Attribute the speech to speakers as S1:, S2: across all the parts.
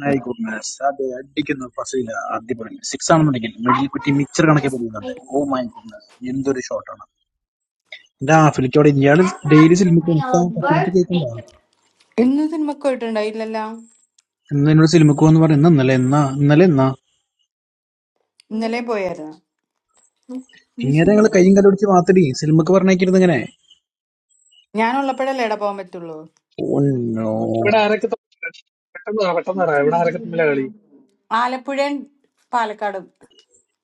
S1: My goodness. അത് അടിക്കുന്ന ഫസീല അടിപൊളി സിക്സ് ആണെന്നുണ്ടെങ്കിൽ മിഡിൽ കുറ്റി മിച്ചർ കണക്കെ പൊടിയുന്നുണ്ട് ഓ മൈ ഗുഡ്നസ് എന്തൊരു ഷോട്ടാണ് എന്റെ ആഫ്രിക്ക അവിടെ ഇയാള് ഡെയിലി സിനിമക്ക് പത്തിനത്ത് കേൾക്കണ്ടോ
S2: ഇന്ന് സിനിമക്ക് പോയിട്ടുണ്ടായില്ലല്ലോ
S1: എന്ന് എന്നോട് സിനിമക്ക് പോന്ന് പറഞ്ഞ ഇന്നലെ എന്നാ ഇന്നലെ എന്നാ
S2: ഇന്നലെ പോയായിരുന്നു
S1: ഇങ്ങനെ ഞങ്ങള് കയ്യും കണ്ടുപിടിച്ച് മാത്തടി സിനിമക്ക് പറഞ്ഞേക്കിരുന്നു ഇങ്ങനെ
S2: ഞാനുള്ളപ്പോഴല്ലേ ഇട പോകാൻ പറ്റുള്ളൂ
S1: ഓന്നോ
S3: ഇവിടെ ആരൊക്കെ തമ്മിലാ? പെട്ടെന്ന് പറ പെട്ടെന്ന് പറ ഇവിടെ ആരൊക്കെ തമ്മിലാ കളി
S2: ആലപ്പുഴയും പാലക്കാടും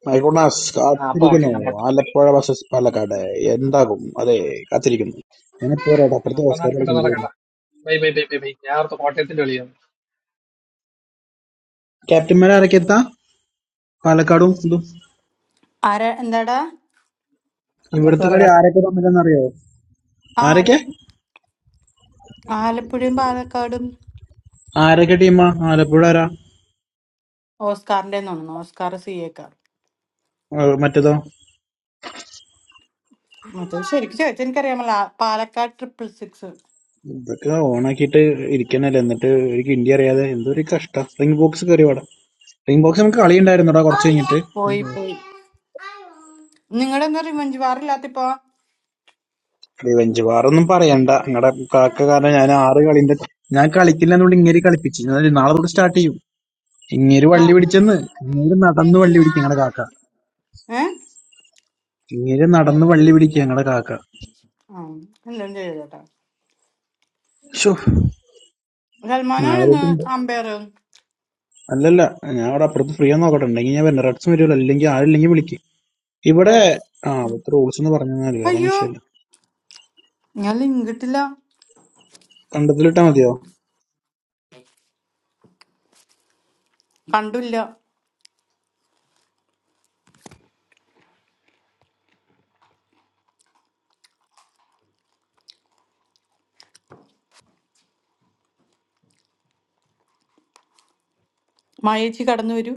S1: മൈഗുണസ്
S3: ആ അപ്പൊ ഓക്കെ
S1: കാത്തിരിക്കുന്നു
S3: ഞാൻ പോട്ടെ
S1: ആലപ്പുഴ vs പാലക്കാട് എന്താകും അതെ കാത്തിരിക്കുന്നു ഞാനിപ്പോ പറയാം
S3: ആ,
S1: അപ്പുറത്തെ
S3: അപ്പൊ
S1: ഓസ്കാർ
S3: നടക്കട്ടെ
S1: കളിക്കുന്നത്
S3: നടക്കട്ടെ bye bye bye bye bye ഞാൻ ഓർത്ത് കോട്ടയത്തിന്റെ കളിയാണ്
S1: ക്യാപ്റ്റന്മാരെ ആരൊക്കെ എത്താ പാലക്കാടും ഇതും
S2: ആരാ എന്താടാ
S1: ഇവിടുത്തെ
S3: അപ്പുറത്ത്
S1: കളി ആരൊക്കെ തമ്മിലെന്നറിയോ
S2: ആ
S1: ആരൊക്കെ
S2: ആല- ആലപ്പുഴയും പാലക്കാടും
S1: ആരൊക്കെ ടീമാ ആലപ്പുഴ ആരാ
S2: ഓസ്കാറിന്റെ തോന്നുന്നു ഓസ്കാർ സി എക്കാർ
S1: ആ, മറ്റേതോ
S2: മറ്റേ ശരിക്കും ചോദിച്ചാൽ എനിക്കറിയാമല്ലോ ആ പാലക്കാട് ട്രിപ്പിൾ സിക്സ്
S1: ഇതൊക്കെ ഓണാക്കിയിട്ട് ഇരിക്കണല്ലേ എന്നിട്ട് എനിക്ക് ഇന്ത്യ അറിയാതെ എന്തൊരു കഷ്ടം റിംഗ് ബോക്സ് കയറി വേടാ റിംഗ് ബോക്സ് നമുക്ക് കളി ഉണ്ടായിരുന്നുടാ കുറച്ച് കഴിഞ്ഞിട്ട്
S2: പോയി പോയി നിങ്ങളുടെ എന്താ റിവഞ്ച് വാറില്ലാത്തിപ്പോ
S1: റിവെഞ്ച് വാറൊന്നും പറയണ്ട നിങ്ങളുടെ കാക്ക കാരണം ഞാൻ ആറ് കളിന്റെ ഞാൻ കളിക്കില്ല എന്നുകൊണ്ട് ഇങ്ങനെ കളിപ്പിച്ചു ഞാൻ ഒരു നാളെ തൊട്ട് സ്റ്റാർട്ട് ചെയ്യും ഇങ്ങനെ വള്ളി പിടിച്ചെന്ന് ഇങ്ങനെ നടന്ന് വള്ളി പിടിക്കും ഞങ്ങളുടെ കാക്ക
S2: ഏ
S1: ഇങ്ങനെ നടന്ന് വള്ളി പിടിക്കും ഞങ്ങളുടെ കാക്ക
S2: ആ എല്ലാം ചെയ്തോട്ടെ
S1: ഷോ
S2: സൽമാനാണ്
S1: നാളെ
S2: ഇന്ന്
S1: തൊട്ടുണ്ട്
S2: അമ്പയർ
S1: അല്ലല്ല ഞാൻ അവിടെ അപ്പുറത്ത് ഫ്രീ ആണെന്ന് നോക്കട്ടെ ഉണ്ടെങ്കിൽ ഞാൻ വരുന്ന റെഡ്സും വരുമല്ലോ അല്ലെങ്കിൽ ആരില്ലെങ്കിൽ വിളിക്കും ഇവിടെ
S2: റെഡ്സ്
S1: ആ
S2: ഉം.
S1: അവിടുത്തെ റൂൾസ് എന്ന് പറഞ്ഞാൽ കാരണം
S2: അയ്യോ
S1: വെച്ചാൽ
S2: ഞാൻ ലിങ്ക് ഇട്ടില്ല
S1: കണ്ടത്തിലിട്ടാ മതിയോ
S2: കണ്ടില്ല മായേച്ചി കടന്നു വരൂ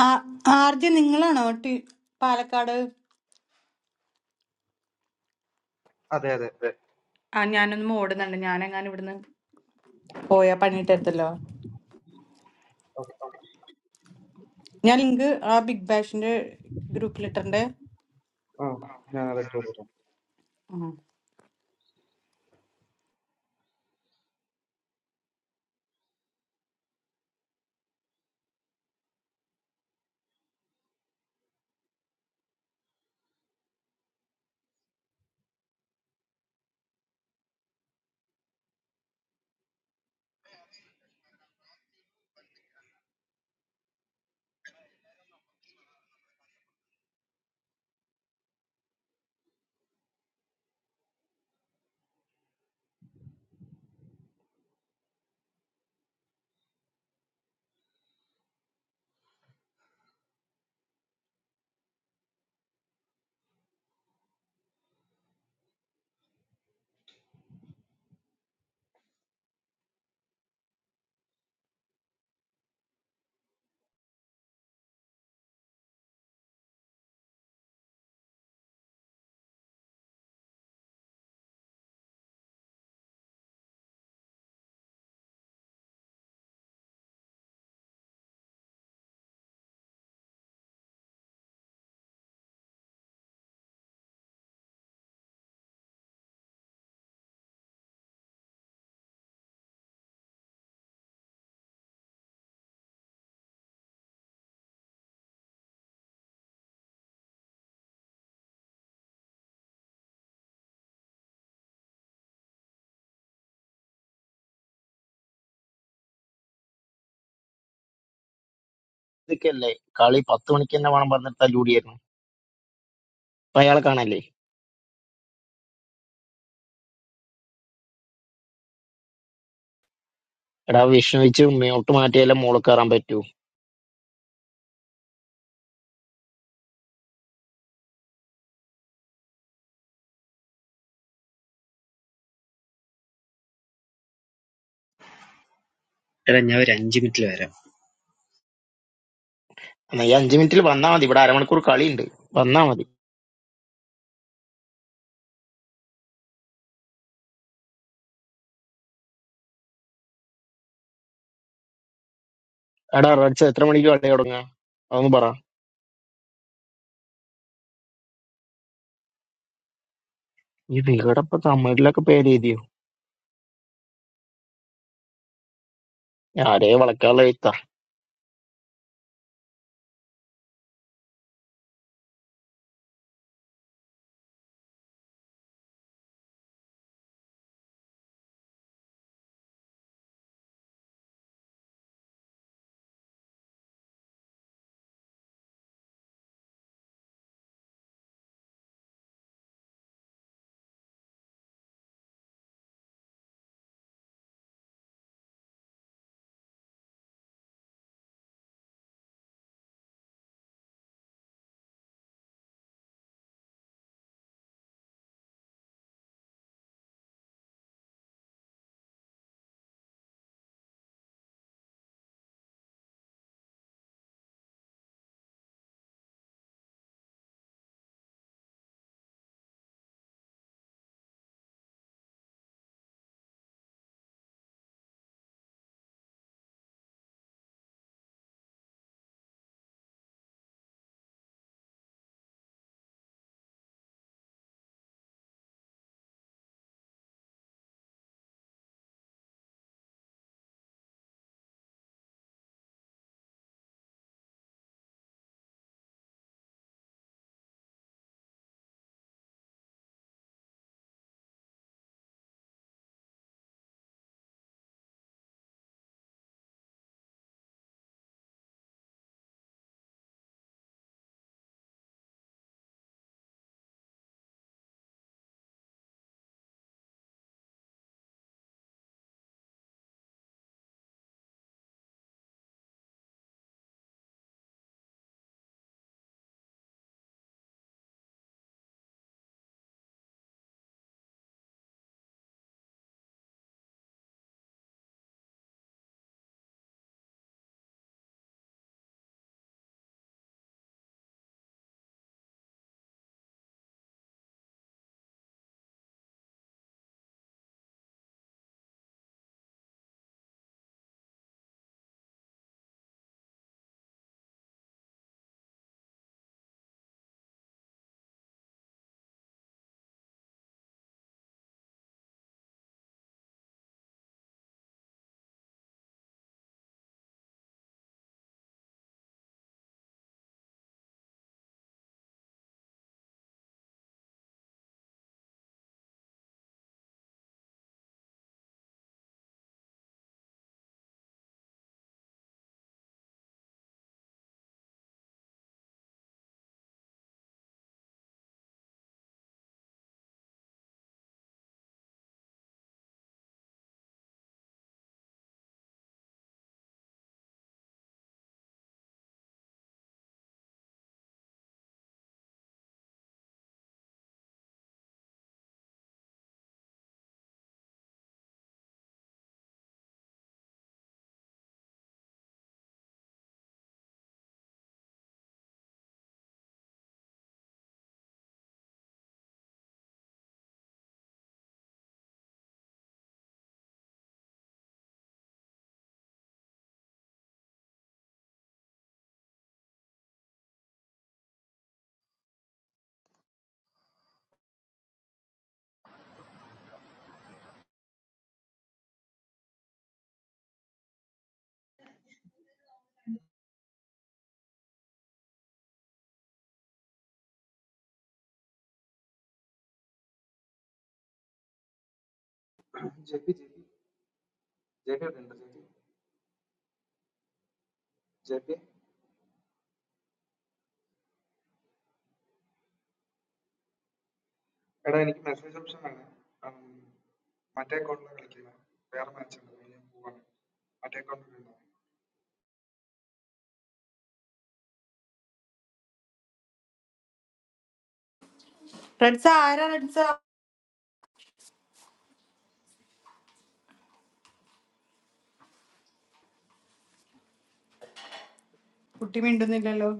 S2: ആ- ആർജെ നിങ്ങളാണോ ടി പാലക്കാട്
S4: Ah, there, there.
S2: ആ ഞാനൊന്നും ഓടുന്നുണ്ട് ഞാനെങ്ങാനും ഇവിടുന്ന് പോയാ പണിയിട്ടെടുത്തല്ലോ ഞാൻ ലിങ്ക് ആ ബിഗ് ബാഷിന്റെ ഗ്രൂപ്പിലിട്ടണ്ടേ
S4: Oh, yeah, I have told
S2: ഉം.
S5: ഇതൊക്കെയല്ലേ കളി പത്ത് മണിക്ക് തന്നെ വേണം പറഞ്ഞിട്ട് തല്ലൂടിയായിരുന്നു ഇപ്പൊ അയാളെ കാണാല്ലേ എടാ വിഷ്ണു വെച്ച് മേട്ട് മാറ്റിയാലേ മോള് കയറാൻ പറ്റൂ
S6: എടാ ഞാൻ ഒരു അഞ്ച് മിനിറ്റിൽ വരാം
S5: എന്നാ ഈ അഞ്ചു മിനിറ്റിൽ വന്നാ മതി ഇവിടെ അരമണിക്കൂർ കളിയുണ്ട് വന്നാ മതി എടാ റഡ്സ് എത്ര മണിക്ക് കളി തുടങ്ങുക അതൊന്ന് പറ ഈ നിങ്ങളുടെ ഇപ്പൊ തമിഴിലൊക്കെ പേര് എഴുതിയോ ആരേ വളക്കാനുള്ള എഴുത്താ
S4: you.
S2: റെഡ്സ ആരാ റെഡ്സ കുട്ടി മിണ്ടുന്നില്ലല്ലോ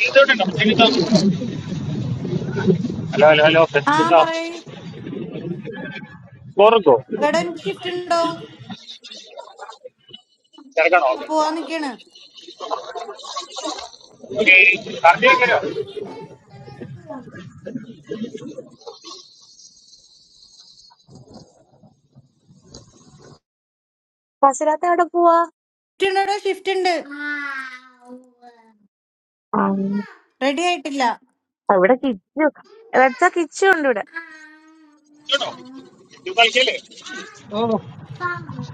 S7: ചെയ്തോട്ടെ ചെയ്തോ ഹലോ ഹലോ ഹലോ
S2: ആ
S7: കേട്ടോ
S2: പറയ്
S7: ചോറുക്കോ
S2: എടാ എനിക്ക് ഷിഫ്റ്റ് ഉണ്ടോ
S7: തിരക്കണോ
S2: ആ, പോവാൻ
S7: ഓക്കെ
S2: നിക്കാണ്
S7: കറക്റ്റ് വെക്കലോ
S8: ഫസിലാത്ത എവിടെ പോവാ
S2: ഷിഫ്റ്റ് ഉണ്ടോ ഷിഫ്റ്റ് ഉണ്ട്
S8: ഉം.
S2: റെഡി ആയിട്ടില്ല
S8: ഇവിടെ കിച്ചു റെഡ്സ കിച്ചു ഉണ്ട് ഇവിടെ
S7: കേട്ടോ ഇത് കളിക്കല്ലേ
S9: ഓ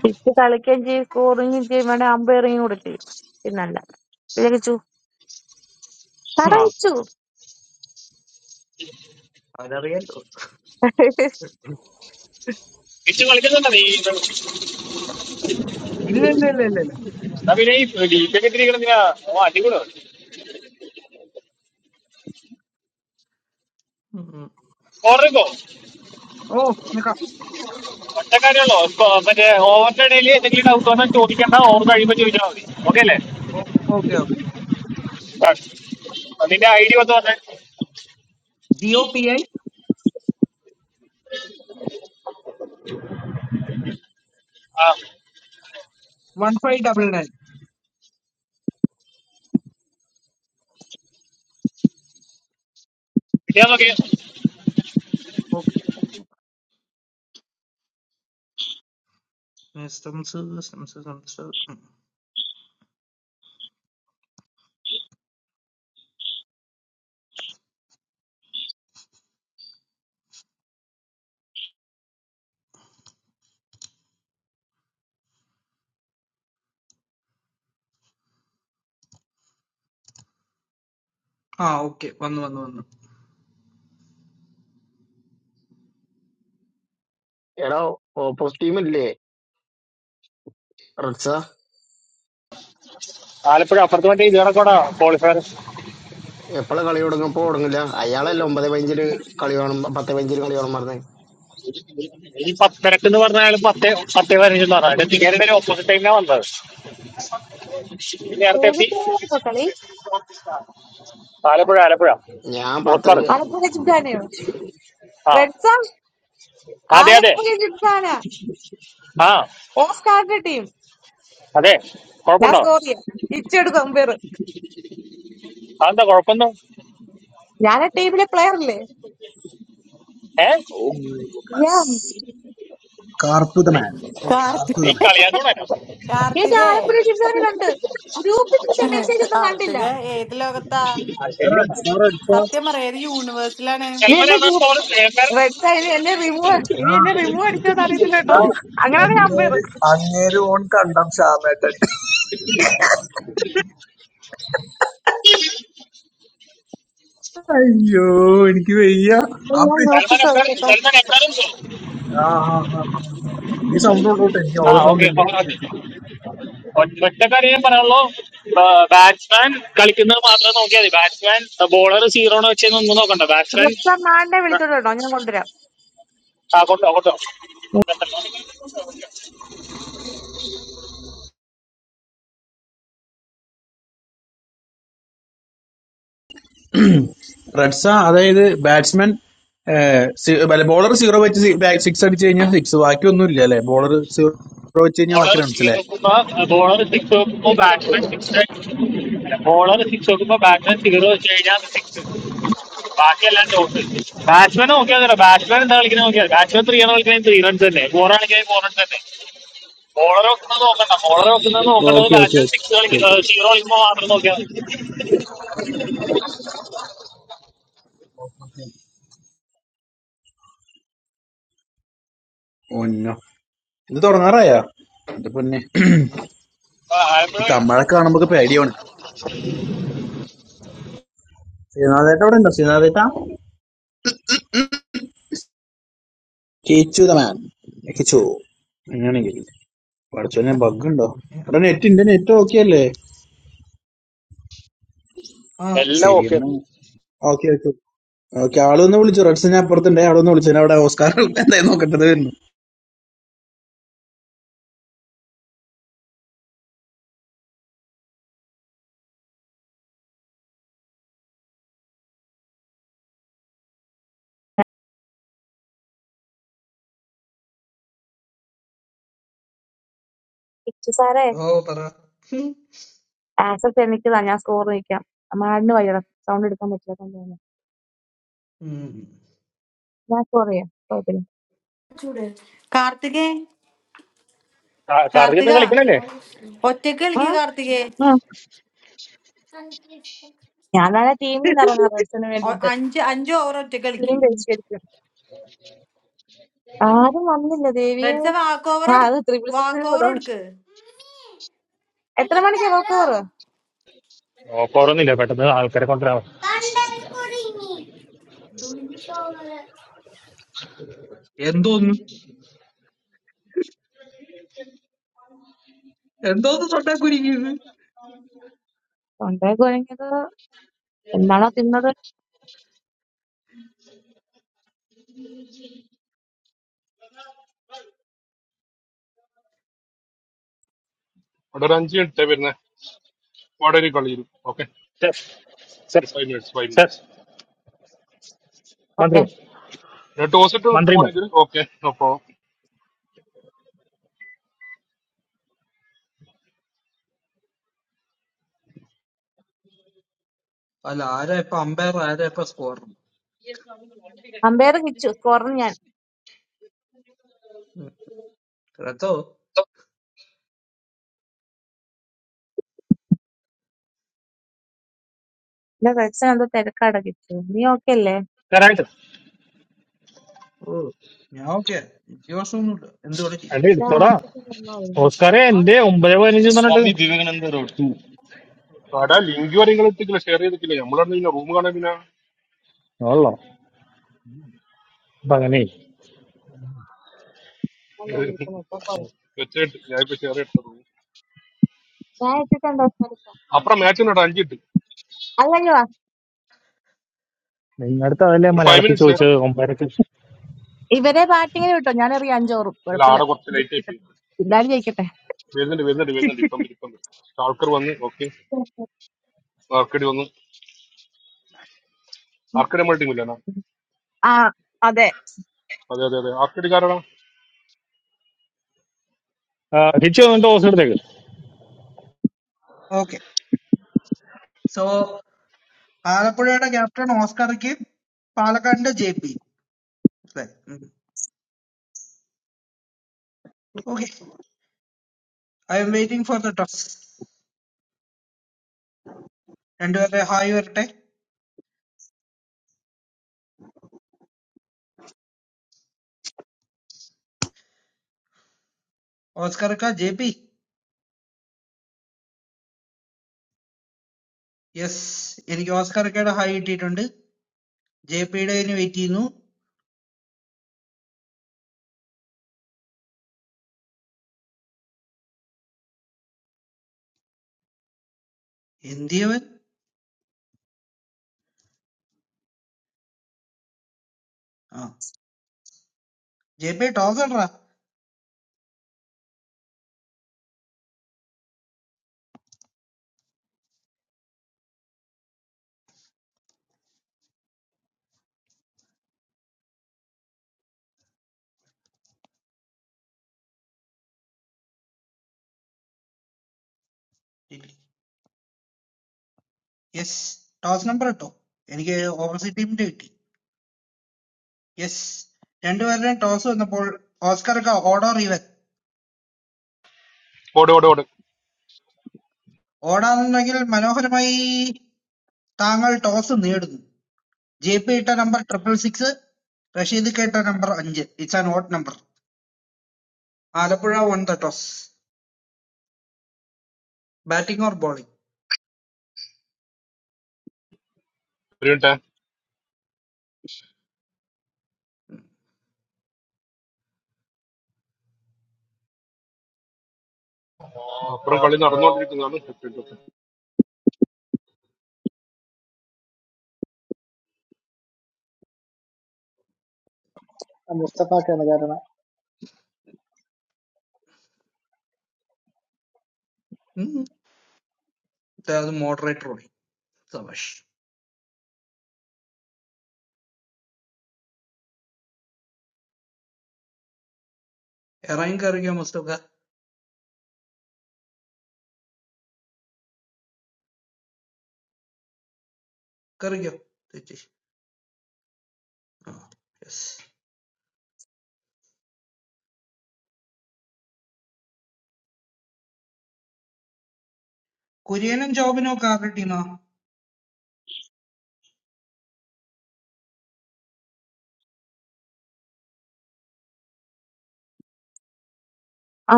S8: കിച്ചു കളിക്കുകയും ചെയ്യും സ്കോറിങ്ങും ചെയ്യും വേണേ അമ്പയറിങ് കൂടെ ചെയ്യും പിന്നല്ല ഇല്ല കിച്ചു പറ
S9: ആ,
S8: കിച്ചു
S9: അതറിയാലോ.
S7: തിരിച്ച് കളിക്കുന്നുണ്ടോ നീ
S9: ഇല്ല ഇല്ല ഇല്ല ഇല്ല ഇല്ല.
S7: എന്നാ പിന്നെ ഈ ഡീറ്റൊക്കെ ഇട്ടിരിക്കണം എന്തിനാ ഓ അടിപൊളി
S9: ഉം.
S7: ചോറുക്കോ
S9: ഓ നിക്കാം.
S7: ഒറ്റക്കാരുള്ളോ ഇപ്പൊ മറ്റേ ഓവറിന്റെ ഇടയിൽ എന്തെങ്കിലും ഡൗട്ട് വന്നാൽ ചോദിക്കണ്ട ഓവർ കഴിയുമ്പോൾ ചോദിച്ചാൽ മതി ഓക്കെ അല്ലേ
S9: ഓ- ഓക്കെ ഓക്കെ.
S7: ആ. നിന്റെ ഐ ഡി വന്ന് പറഞ്ഞേ
S9: ജി ഒ പി ഐ
S7: ആ
S9: വൺ ഫൈവ് ഡബിൾ നയൻ.
S7: പിന്നെ നോക്കി
S9: ഓക്കെ. ഏ, സംസ് സംസ് സംസ് ഉം. ആ ഓക്കെ വന്നു വന്നു വന്നു.
S5: എടാ ഓപ്പോസിറ്റ് ടീം ഇല്ലേ റഡ്സ
S7: ആലപ്പുഴ അപ്പുറത്ത് മറ്റേ ഇത് കണക്കോടാ കോളിഫയർ
S5: എപ്പോഴാ കളി തുടങ്ങുമ്പോ തുടങ്ങില്ല അയാളല്ല ഒമ്പത് പതിനഞ്ചില് കളി കാണും പത്ത് പതിനഞ്ചില് കളി കാണും പറഞ്ഞത്
S7: ഈ പത്തരക്ക് എന്ന് പറഞ്ഞ അയാൾ പത്തേ പത്തേ പതിനഞ്ചെന്ന് പറഞ്ഞു അതിന്റെ തികരുടെ ഒരു ഓപ്പോസിറ്റ് ടൈമിനാ വന്നത് പിന്നെ നേരത്തെ എത്തി
S8: ഏതിട്ട കളി
S7: ആലപ്പുഴ ആലപ്പുഴ
S5: ഞാൻ
S7: ഓസ്കാർ
S5: പത്തരക്ക്
S8: ആലപ്പുഴ ജിംഖാനയോ
S7: ആ
S8: റെഡ്സ
S7: അതെ അതെ
S8: ആലപ്പുഴ ജിംഖാന
S7: ആ
S8: ഓസ്കാറിന്റെ ടീം
S7: അതെ
S8: ഞാൻ
S7: കുഴപ്പമുണ്ടോ
S8: സ്കോർ ചെയ്യാം കിച്ചു എടുക്കും അമ്പയർ
S7: അതെന്താ കുഴപ്പമൊന്നും
S8: ഞാൻ ആ ടീമിലെ പ്ലെയർ അല്ലേ
S7: ഏ
S8: ഞാൻ
S7: നീ-
S1: കാർത്തുതമാൻ
S7: നീ
S2: കാർത്തിക
S1: കാർത്തുതമാൻ
S7: കളിയാക്കണോ എന്നെ?
S8: എനിക്ക്
S2: കാർത്തികേ
S8: ആലപ്പുഴ ജിംഖാനയിലുണ്ട് ഗ്രൂപ്പിൽ പക്ഷെ മെസ്സേജ് ഒന്നും കണ്ടില്ല
S2: കാർത്തിക ഏത് ലോകത്താ
S7: ആ, ശരിയെന്നാ.
S1: സാർ അടിച്ചാ
S2: സത്യം പറയാ ഏത് യൂണിവേഴ്സിലാണ്
S8: നീ
S7: സൽമാൻ
S8: എന്നെ
S7: എന്നാ score? എംപയർക്ക്.
S8: റെഡ്സ ഇനി എന്നെ റിമൂവ് ഇനി എന്നെ റിമൂവ് അടിച്ചോന്ന് അറിയത്തില്ല കേട്ടോ
S1: എടാ,
S8: അങ്ങനെയാണ് ഞാൻ പേര്
S1: അങ്ങേര് അങ്ങേര് ഓൺ കണ്ടം ശ്യാമേട്ടൻ അയ്യോ എനിക്ക് വയ്യ
S8: ഞാൻ
S1: അപ്പി
S8: നോക്കി
S7: സൽമാൻ എംപയർ-
S8: ചോദിച്ചോട്ടെ
S7: സൽമാൻ എംപയറും score.
S1: ആ ആ, ആ, ആ, ആ. ഈ സൗണ്ട് ഉണ്ടോട്ടെ എനിക്ക്
S7: ആ
S1: ഓരോ സൗണ്ട്
S7: ഓക്കെ
S1: ഇല്ലേ
S7: ഒറ്റ കാര്യം ഞാൻ പറയാനുള്ളൂ ബാറ്റ്സ്മാൻ കളിക്കുന്നത് മാത്രം നോക്കിയാൽ മതി ബാറ്റ്സ്മാൻ ബോളർ സീറോണോ വെച്ചെന്ന് ഒന്നും നോക്കണ്ട
S8: റെഡ്സ മാഡിനെ
S7: ബാറ്റ്സ്മാൻ
S8: വിളിച്ചോണ്ട് കേട്ടോ ഞാൻ കൊണ്ടുവരാം
S7: ആ കൊണ്ടോ കൊണ്ടോ
S1: റെഡ്സ അതായത് ബാറ്റ്സ്മാൻ അല്ല ബോളർ സീറോ വെച്ച് സിക്സ് അടിച്ചു കഴിഞ്ഞാൽ സിക്സ് ബാക്കി ഒന്നും ഇല്ല അല്ലെ ബോളർ സീറോ വെച്ച് കഴിഞ്ഞാൽ ബാക്കി
S7: ബോളർ
S1: റൺസ്
S7: സീറോ
S1: അല്ലേ
S7: വെക്കുമ്പോ ബോളർ സിക്സ് വെക്കുമ്പോ ബാറ്റ്മാൻ സിക്സ് ബോളർ സിക്സ് വെക്കുമ്പോ ബാറ്റ്മാൻ സീറോ വെച്ച് കഴിഞ്ഞാൽ സിക്സ് ബാക്കിയെല്ലാം ഡോട്ട് ബാറ്റ്മാൻ നോക്കിയാൽ തരാം ബാറ്റ്മാൻ എന്താ കളിക്കുന്നത് നോക്കിയാൽ ബാറ്റ്മാൻ ത്രീ ആണ് കളിക്കുന്നത് ത്രീ റൺസ് തന്നെ ഫോർ ആണെങ്കിൽ ഫോർ റൺസ് തന്നെ ബോളർ വെക്കുന്നത് നോക്കണ്ട ബോളർ വെക്കുന്നത് നോക്കേണ്ടത്
S1: okay
S7: batman six
S1: okay okay
S7: കളിക്കുന്നത് സീറോ കളിക്കുമ്പോൾ മാത്രം നോക്കിയാൽ മതി.
S1: ഒന്നോ ഇത് തുറന്നാറായ എന്റെ പൊന്നെ
S7: ആ,
S1: ഈ
S7: ആയപ്പോഴേ
S1: തമിഴൊക്കെ കാണുമ്പോ പേടിയാണ് ശ്രീനാഥേട്ട ഇവിടെ ഉണ്ടോ ശ്രീനാഥേട്ട കിച്ചു ദ മാൻ കിച്ചു അങ്ങനെയാണെങ്കിൽ പഠിച്ചോനെ ബഗ് ഉണ്ടോ
S9: ഏ,
S1: ഇവിടെ നെറ്റ് ഉണ്ട് നെറ്റ് ഓക്കെ അല്ലേ
S9: ആ
S7: എല്ലാം
S1: ശരി
S7: ഓക്കെ
S1: എന്നാ ഓക്കെ ഓക്കെ ഓക്കെ ആളൊന്ന് വിളിച്ചു റെഡ്സിനെ അപ്പുറത്തുണ്ടേ അവിടെ ഒന്ന് വിളിച്ചു അവിടെ ഓസ്കാർ എന്തായാലും നോക്കട്ടത് വരുന്നു
S8: ഇച്ചു സാറേ
S9: ഓ പറ. ഉം.
S8: ആക്സസ് എനിക്കതാ ഞാൻ സ്കോർ നിൽക്കാം മാഡിന് വയ്യട സൗണ്ട് എടുക്കാൻ പറ്റില്ല കൊണ്ടുവന്നു
S9: ഉം.
S8: ഞാൻ സ്കോർ ചെയ്യാം കുഴപ്പമില്ല
S2: കാർത്തികേ കാർത്തിക
S7: കറിയൊന്നും കളിക്കണല്ലേ
S2: ഒറ്റക്ക്
S8: ആ?
S2: കളിക്ക് കാർത്തികേ
S8: ഉം. ഞാൻ നാളെ ടീമിൽ നിന്ന് ഇറങ്ങാം റെഡ്സിന്
S2: ഒ-
S8: വേണ്ടിട്ട്
S2: അഞ്ച് അഞ്ച് ഓവർ ഒറ്റക്ക്
S8: ടീം
S2: കളിക്ക്
S8: പരിഷ്കരിക്കും ആരും വന്നില്ല ദേവിയെ
S2: റെഡ്സ വാക്ക് ഓവർ
S8: ആ അത് ത്രിപിൾ സിക്സിൽ
S2: വാക്ക് ഓവർ
S8: വിടും
S2: എടുക്ക്
S8: എത്ര മണിക്കാ നോക്കോറ്
S7: ഓക്കോറൊന്നുമില്ല പെട്ടെന്ന് ആൾക്കാരെ കൊണ്ടുവരാൻ
S9: എന്തോന്ന് എന്തോന്ന് തൊട്ടാക്കുരിക്കുന്നത്.
S8: തൊണ്ടേ കുഴങ്ങിയത് എന്നാണോ തിന്നത്
S10: അവിടെ ഒരു അഞ്ച് മിനിറ്റ് വരുന്നത് അവിടെ ഒരു കളി വരും ഓക്കെ
S7: സെഫ് സെഫ്
S10: ഫൈവ് മിനിറ്റ്സ് ഫൈവ്
S7: സെഫ്
S10: മിനിറ്റ്സ്
S8: ഓക്കെ
S7: മന്ത്രിമോ
S10: ടോസ് ഇട്ട്
S7: മന്ത്രിമോ
S10: നിൽക്കുവാണെങ്കിൽ ഓക്കെ അപ്പൊ
S9: അല്ല ആരാ ഇപ്പൊ അമ്പയർ, ആരാ ഇപ്പൊ സ്കോർ?
S8: അമ്പയർ കിച്ചു സ്കോറിന് ഞാൻ
S9: റെത്തോ?
S8: എന്റെ റെഡ്സൺ എന്തോ തിരക്കടക്കിച്ചു നീ ഓക്കെ അല്ലേ
S7: കരായിട്ട്
S9: ഓ ഞാൻ ഓക്കെ, എനിക്ക് പ്രശ്നമൊന്നുമില്ല, എന്ത് വേണേ
S7: അല്ല
S9: ചെയ്യാം.
S8: ഞാൻ
S7: എടുത്തോടാ
S8: ആശുപത്രി വന്നായിരുന്നു
S7: ഓസ്കാറെ എന്റെ ഒമ്പത് പതിനഞ്ച് എന്ന് പറഞ്ഞിട്ട് സ്വാമി വിവേകാനന്ദ റോഡ് ടു
S10: അവിടെ ലിങ്ക് വരെ നിങ്ങൾ ഇട്ടിട്ടില്ല ഷെയർ ചെയ്തിട്ടില്ല നമ്മളാണ് പിന്നെ റൂം കാണാൻ പിന്നെ
S7: ഉള്ളോ അപ്പൊ അങ്ങനെ
S8: അല്ലേ വിളിക്കുന്നത് ഇപ്പൊ പോയി
S10: വെച്ചായിട്ട് ഞാൻ ഇപ്പൊ ഷെയർ ചെയ്ത റൂം
S8: ഞാൻ ഇട്ടിട്ടുണ്ടോ സ്ഥലത്ത്
S10: അപ്പുറം മാച്ച് ഉണ്ട് അഞ്ച് ഇട്ട്
S8: അല്ലെങ്കിൽ വാ
S7: നിങ്ങടുത്ത് അതല്ലേ
S10: ഒരു ഫൈവ്
S7: മലയാളത്തിൽ
S10: മിനിറ്റ്സ്
S7: ചോദിച്ചത് ഒമ്പരക്ക്
S8: ഇവരെ ബാറ്റിങ്ങിന് വിട്ടോ ഞാൻ എറിയാം അഞ്ചോറും
S10: അല്ല
S8: കുഴപ്പമില്ല
S10: ആടെ കുറച്ച് ലൈറ്റ് ആയി
S8: ജയിക്കട്ടെ
S10: പോയി
S8: എല്ലാരും ജയിക്കട്ടെ
S10: വരുന്നുണ്ട് വരുന്നുണ്ട് വരുന്നുണ്ട് ഇപ്പം വരും, ഇപ്പം വരും. സ്റ്റാൾക്കർ വന്ന് ഓക്കെ ആർക്കടി വന്നു ആർക്കടി നമ്മൾ ടീമില്ലാണ്
S8: ആ അതെ
S10: അതെ അതെ അതെ ആർക്കടി കാരണം
S7: ആ, കിച്ചു വന്നിട്ട് ഓസ് എടുത്തേക്ക്
S9: ഓക്കെ സോ आलपुरे ना captain oscar के पालका अंडा jp okay i am waiting for the toss and वाले हाई वाले oscar का jp yes इनके oscar के डा हाई डेट अंडे jp डे इनके वेटिंग हूँ हिंदी वन आ jp toss ना yes toss number तो इनके opposite team डेटी yes जंडो वाले toss वाले बोल oscar का order ही है
S10: ഓടെ ഓടെ ഓടെ ഒരു
S9: order ना के मनोकर माई तांगल toss नियर्ड JP इटा number triple six sir, Rashid का इटा number five. It's an odd number. आलापुरा one the toss. Batting or bowling?
S10: Minute അപ്പുറം കളി നടന്നുകൊണ്ടിരിക്കുന്നതാണ്
S11: I must have done something.
S9: Hmm. तो यादू moderate bowling. समझ. Arranging कर गया मतलब क्या? कर गया. ठीक है. Yes. कोई एन जॉब नो काम करती हूँ.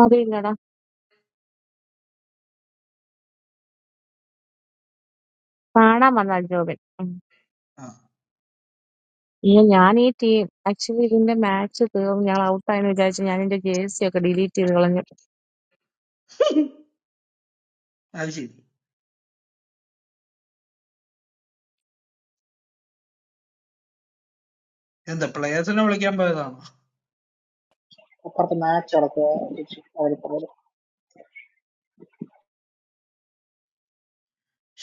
S8: അറിയില്ലടാ കാണാൻ വന്ന അഞ്ചോറിൽ
S9: हाँ.
S8: ഇയ്യോ, ഞാൻ ഈ ടീം ആക്ച്വലി ഇതിന്റെ മാച്ച് തീർന്നു ഞാൻ ഔട്ടായെന്ന് വിചാരിച്ചു ഞാൻ എന്റെ ജേഴ്സി ഒക്കെ ഡിലീറ്റ് ചെയ്ത് കളഞ്ഞു
S9: ऐसे ही. इन्द्र प्लायर्स ने वाले क्या बोला?
S11: I thought I had done something.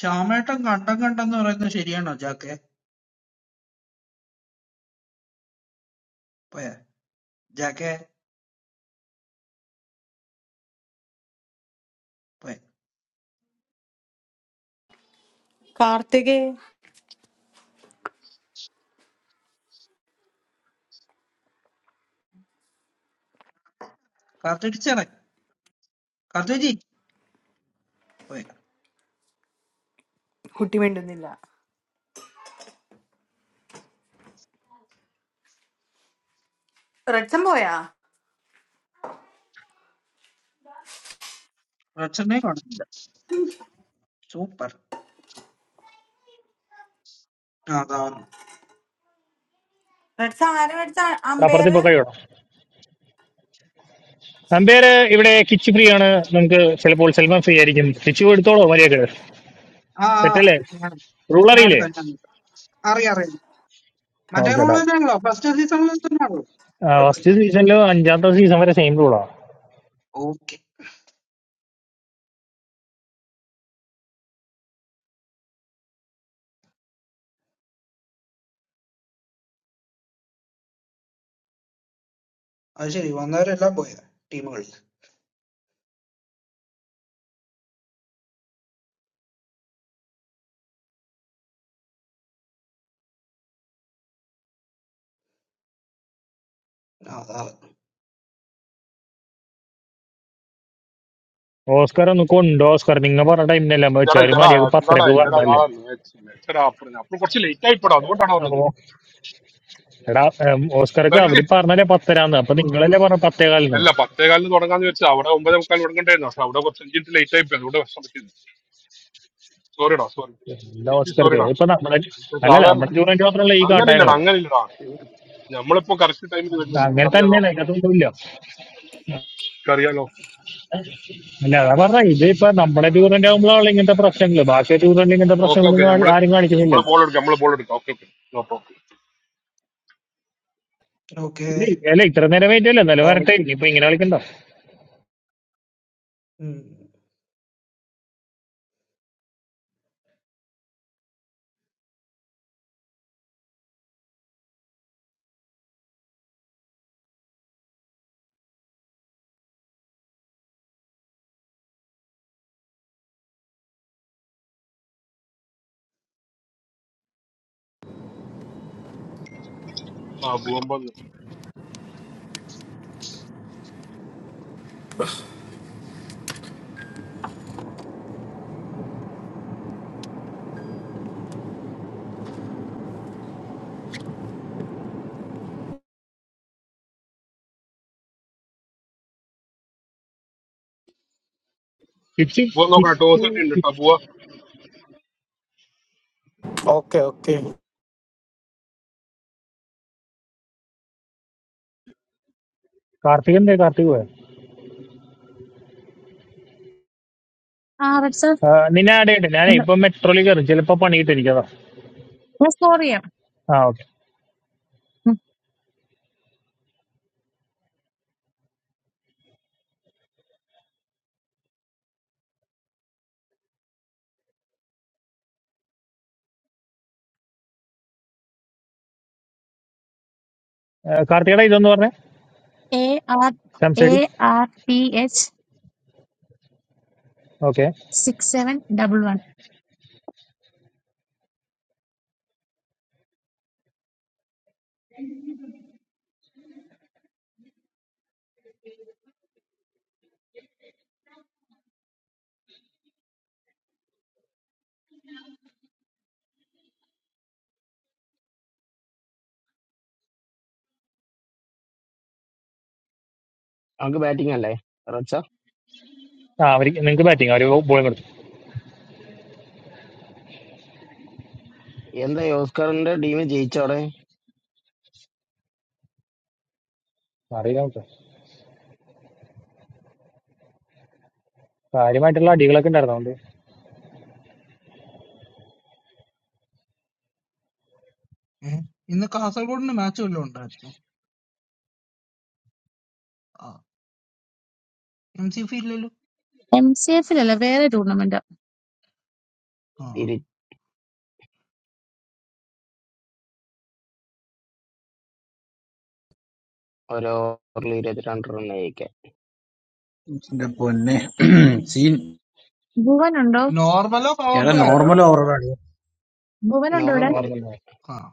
S9: शाम ऐट अंगांटा गंटा तो वो रहते सीरियन हैं. जाके पे. जाके पे.
S2: കാർത്തികേ
S9: कार्तिक से नहीं. कार्तिक जी पे.
S2: കുട്ടി മിണ്ടുന്നില്ല റെഡ്സൺ പോയാ
S9: रचन
S2: റെഡ്സ ആരാ റെഡ്സ
S7: അപ്പുറത്ത് ഇപ്പൊ
S2: അമ്പയർ
S7: കൈവിടാം നമ്പേര് ഇവിടെ കിച്ച് ഫ്രീ ആണ് നമുക്ക് ചിലപ്പോൾ സെൽമൻ ഫ്രീ ആയിരിക്കും കിച്ചു എടുത്തോളോ മര്യാദ
S9: Ah,
S7: തെറ്റല്ലേ
S9: yeah,
S7: റൂൾ
S9: yeah,
S7: അറിയില്ലേ
S9: that's good. Area, area. Made
S7: okay ഡാ
S9: rule change, lo. But still, still, still, still. Perfect.
S7: First സീസണില് അഞ്ചാമത്തെ സീസൺ വരെ സെയിം റൂളാ
S9: Okay. Actually, one day, lab boy. Team world. Ah.
S7: Oscar ഒന്ന് കൊണ്ടോ ഓസ്കാർ നിങ്ങൾ പറഞ്ഞ ടൈമിനല്ല
S10: ഇല്ലടാ
S7: വെച്ചാൽ
S10: ഇല്ലടാ
S7: മര്യാദ
S10: ഇല്ലടാ
S7: പത്തരക്ക്
S10: ഇല്ലടാ നാളെ
S7: പറഞ്ഞല്ലേ
S10: മാച്ച് മാച്ചടാ അപ്പുറം അപ്പുറം കുറച്ച് ലേറ്റ് ആയിപ്പോടാ അതുകൊണ്ടാണ് പറഞ്ഞത്
S7: എടാ ഉം,
S10: അപ്പൊ
S7: ഓസ്കർക്ക്
S10: എനിക്ക്
S7: അവര്
S10: തി-
S7: പറഞ്ഞല്ലേ പത്തരാന്ന് അപ്പൊ നിങ്ങളല്ലേ പറഞ്ഞ പത്തേകാലിന്
S10: അല്ല പത്തേകാലിന് തുടങ്ങാന്ന് വെച്ചാൽ അവിടെ ഒമ്പതേ മുക്കാൽ തുടങ്ങണ്ടായിരുന്നു പക്ഷെ അവിടെ കുറച്ച് അഞ്ച് മിനിറ്റ് ലേറ്റ് ആയിപ്പോയി അതുകൊണ്ട് വിഷമം പറ്റിയത് സോറിടാ സോറി
S7: എല്ലാ
S10: ചേപ്പി
S7: ഓസ്കർക്ക്
S10: സോറിടാ
S7: ഇപ്പൊ നമ്മുടെ അല്ലല്ല
S10: സാധാരണ
S7: നമ്മുടെ ടൂറിന്റെ മാത്രമല്ല ഈ
S10: അങ്ങനെ ഇല്ലടാ
S7: കാട്ടായങ്ങളൊക്കെ
S10: അങ്ങനെ ഇല്ലടാ നമ്മളിപ്പോ കറക്റ്റ് ടൈമിൽ വരുന്നില്ല
S7: അങ്ങനെ
S10: നിനക്കറിയാലോ
S7: തന്നെയാണ് അതിനകത്തൊന്നുമില്ല
S10: നിനക്കറിയാലോ
S7: അല്ല അതാ പറഞ്ഞ ഇത് ഇപ്പൊ നമ്മുടെ ടൂറിന്റെ ആകുമ്പോഴാണ് ഇങ്ങനത്തെ പ്രശ്നങ്ങൾ ബാക്കി ടൂറിന്റെ ഇങ്ങനത്തെ
S10: ഓക്കെ ഓക്കെ
S7: പ്രശ്നങ്ങൾ
S10: നമ്മള്
S7: ആരും
S10: നമ്മള്
S7: കാണിക്കുന്നില്ലല്ലോ
S10: ബോൾ എടുക്കാം നമ്മള് ബോൾ എടുക്കാം ഓക്കെ ഓക്കെ നോ പ്രോബ്ലം
S7: ഇത്
S9: Okay.
S7: അല്ല ഇത്ര നേരം വെയിറ്റ് അല്ലേ എന്നാലും വരട്ടെ
S9: Bowling.
S7: ഇനിയിപ്പൊ ഇങ്ങനെ കളിക്കണ്ട
S9: Hmm.
S10: ആ ഭൂവമ്പോ
S7: ഇച്ചി
S10: ഭൂവൻ
S7: ഇച്ചി.
S10: നോക്കണം ടോസ് ഒക്കെ ഉണ്ട് കേട്ടോ ഭൂവ
S12: ഓക്കെ ഓക്കെ
S7: കാർത്തിക് എന്തേ കാർത്തിക് പോയോ?
S8: ആ റെഡ്സൺ
S7: ആ, നിന്നെ ആഡ് ചെയ്യട്ടെ ഞാനേ
S8: ഉണ്ട്
S7: ഇപ്പൊ മെട്രോയിൽ കയറി ചിലപ്പോ പണിയിട്ടിരിക്കതാ
S8: ഞാൻ സ്കോർ ചെയ്യാം
S7: ആ ഓക്കെ കാർത്തികയുടെ ഇതൊന്ന് പറഞ്ഞേ
S8: എ ആർ എ
S7: സംസൈഡി
S8: R P H
S7: okay
S8: six seven
S5: നമുക്ക് ബാറ്റിംഗ് അല്ലേ റഡ്സ
S7: ആ അവർക്ക് നിങ്ങൾക്ക് ബാറ്റിംഗ് അവർ ബോളിംഗ്
S5: എന്താ ഈ ഓസ്കാറിന്റെ ടീം ജയിച്ചോടെ
S7: അറിയില്ല നമുക്ക് കാര്യമായിട്ടുള്ള അടികളൊക്കെ ഉണ്ടായിരുന്നു അതുകൊണ്ട്
S9: Eh. In the casual ground, the match will be on that. Ah. MC field, lo.
S8: M C എഫിലല്ല വേറെ ടൂർണമെന്റ്
S9: Ah.
S5: ഓരോ ഓവറിൽ ഇരുപത്തിരണ്ട് റൺ കഴിക്കാൻ
S1: എന്റെ പൊന്നെ സീൻ
S8: ഭുവൻ ഉണ്ടോ
S9: Normal of our
S13: Hello,
S1: എടാ
S9: play.
S13: hello.
S1: നോർമൽ ഓവറാണ്
S8: ഭുവൻ ഉണ്ടോ ഇവിടെ
S7: ഞാൻ
S5: നോർമലി
S7: ഓർമ്മയില്ല
S9: Ah.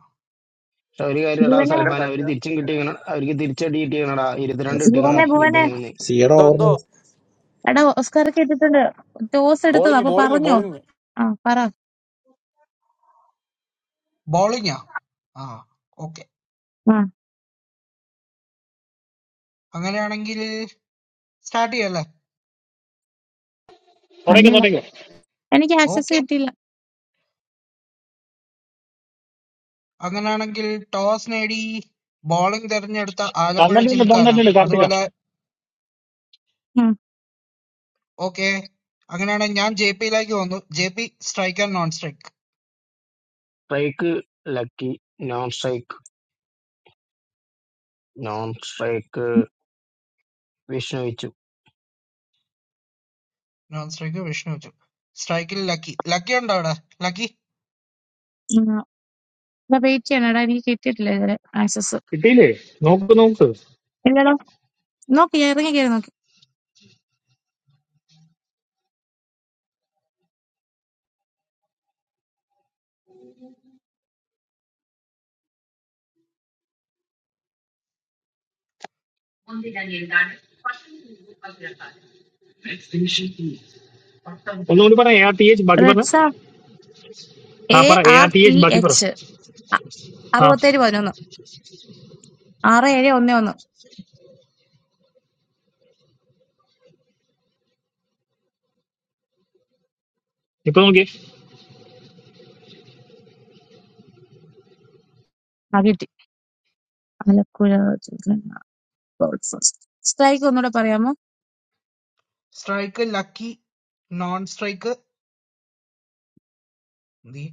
S5: പക്ഷെ ഒരു കാര്യടാ
S8: ഭുവനെ
S13: Hello,
S5: സൽമാൻ അവര്
S13: Kartiya.
S5: തിരിച്ചും
S13: Hello.
S5: കിട്ടിയേക്കണ അവർക്ക് തിരിച്ചടി കിട്ടിയേക്കണടാ ഇരുപത്തിരണ്ട്
S8: ഭുവനെ
S5: കിട്ടിയേക്കണം
S8: ഭുവനെ
S5: ഇബനിന്ന്
S1: സീയുടെ
S12: എന്തോ എന്തോ
S1: ഓവർ
S8: എടാ ഓസ്കാർക്ക് ഇട്ടിട്ടുണ്ട് ടോസ് എടുത്തത്
S12: ബോളിങ്
S8: അപ്പൊ
S12: ബോളിങ്
S8: പറഞ്ഞോ
S12: ബോളിങ്
S8: ആ പറ
S9: Bowling, ya. Ah. Okay.
S8: ആ
S9: Angela, na anggil. Starti, ya la.
S7: തുടങ്ങിക്കോ
S8: കണ്ടില്ല
S7: തുടങ്ങിക്കോ
S8: എനിക്ക് ആക്സസ്
S9: Okay.
S8: കിട്ടിയില്ല
S9: Angana, na anggil. Toss, na edi. Bowling, darne, na utha. Aaja pura gymka
S7: തന്നിട്ടുണ്ട്
S9: na.
S7: തന്നിട്ടുണ്ട്
S9: Ado,
S7: കാർത്തിക
S9: ala.
S8: ഉം.
S9: ഓക്കേ. അങ്ങനെയാണെങ്കിൽ ഞാൻ ജെപിയിലേക്ക് വന്നു. JP strike and non strike.
S5: Strike Lucky non strike non strike Vishnu വെച്ചു
S9: നോൺ സ്ട്രൈക്ക് വിഷ്ണു വെച്ചു. സ്ട്രൈക്കിൽ ലക്കി. ലക്കി ഉണ്ടോ അവിടെ? ലക്കി.
S8: ഉം. അപ്പൊ വെയിറ്റ് ചെയ്യണം എടാ എനിക്ക് കിട്ടിയിട്ടില്ല ഇതുവരെ ആക്സസ്
S7: കിട്ടിയില്ലേ നോക്ക് നോക്ക്
S8: ഇല്ലടാ നോക്കി ഞാൻ ഇറങ്ങി കയറി നോക്കി
S7: ഒന്നുകൂടി പറ എ ആർ ടി എച്ച് ബാക്കി പറഞ്ഞ
S8: റെഡ്സ
S7: ആ
S8: എ
S7: പറ A
S8: R
S7: R T
S8: T
S7: H ബാക്കി പറ
S8: എച്ച്
S7: ആ
S8: അറുപത്തേഴ് പതിനൊന്ന് ആറ് ഏഴ് ഒന്ന് ഒന്ന്
S7: ഇപ്പൊ നോക്കി
S8: ആ കിട്ടി ആലപ്പുഴ സ്ട്രൈക്ക് ഒന്നുകൂടെ പറയാമോ
S9: സ്ട്രൈക്ക് ലക്കി. നോൺ സ്ട്രൈക്ക് നീ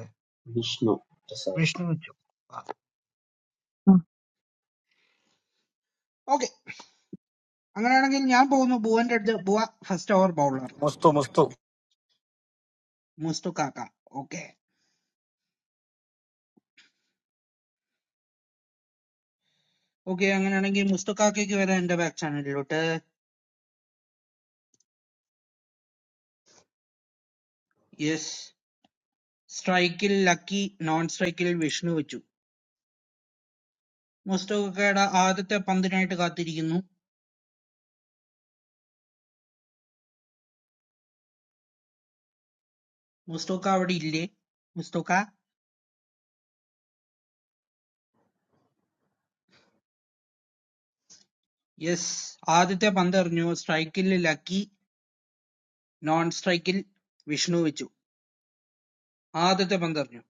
S9: ഏ,
S6: വിഷ്ണു പ്രസാദ്
S9: വിഷ്ണു വെച്ചു. ഓക്കെ. അങ്ങനെയാണെങ്കിൽ ഞാൻ പോകുന്നു ബുവന്റെ അടുത്ത്. ബുവ first over bowler.
S12: Musthu Musthu
S9: Musthu കാക്ക. ഓക്കെ. ഓക്കെ അങ്ങനെയാണെങ്കിൽ മുസ്തു കാക്കയ്ക്ക് വരാം എന്റെ ബാക്ക് ചാനലിലോട്ട്. യെസ്. സ്ട്രൈക്കിൽ ലക്കി, നോൺ സ്ട്രൈക്കിൽ വിഷ്ണു വെച്ചു. മുസ്തു ആദ്യത്തെ പന്തിനായിട്ട് കാത്തിരിക്കുന്നു. മുസ്തോക അവിടെയില്ലേ? മുസ്തോക? yes ആദ്യത്തെ പന്തെറിഞ്ഞു. strikeൽ ലക്കി. non-strikeൽ വിഷ്ണു വെച്ചു. ആദ്യത്തെ പന്തെറിഞ്ഞു.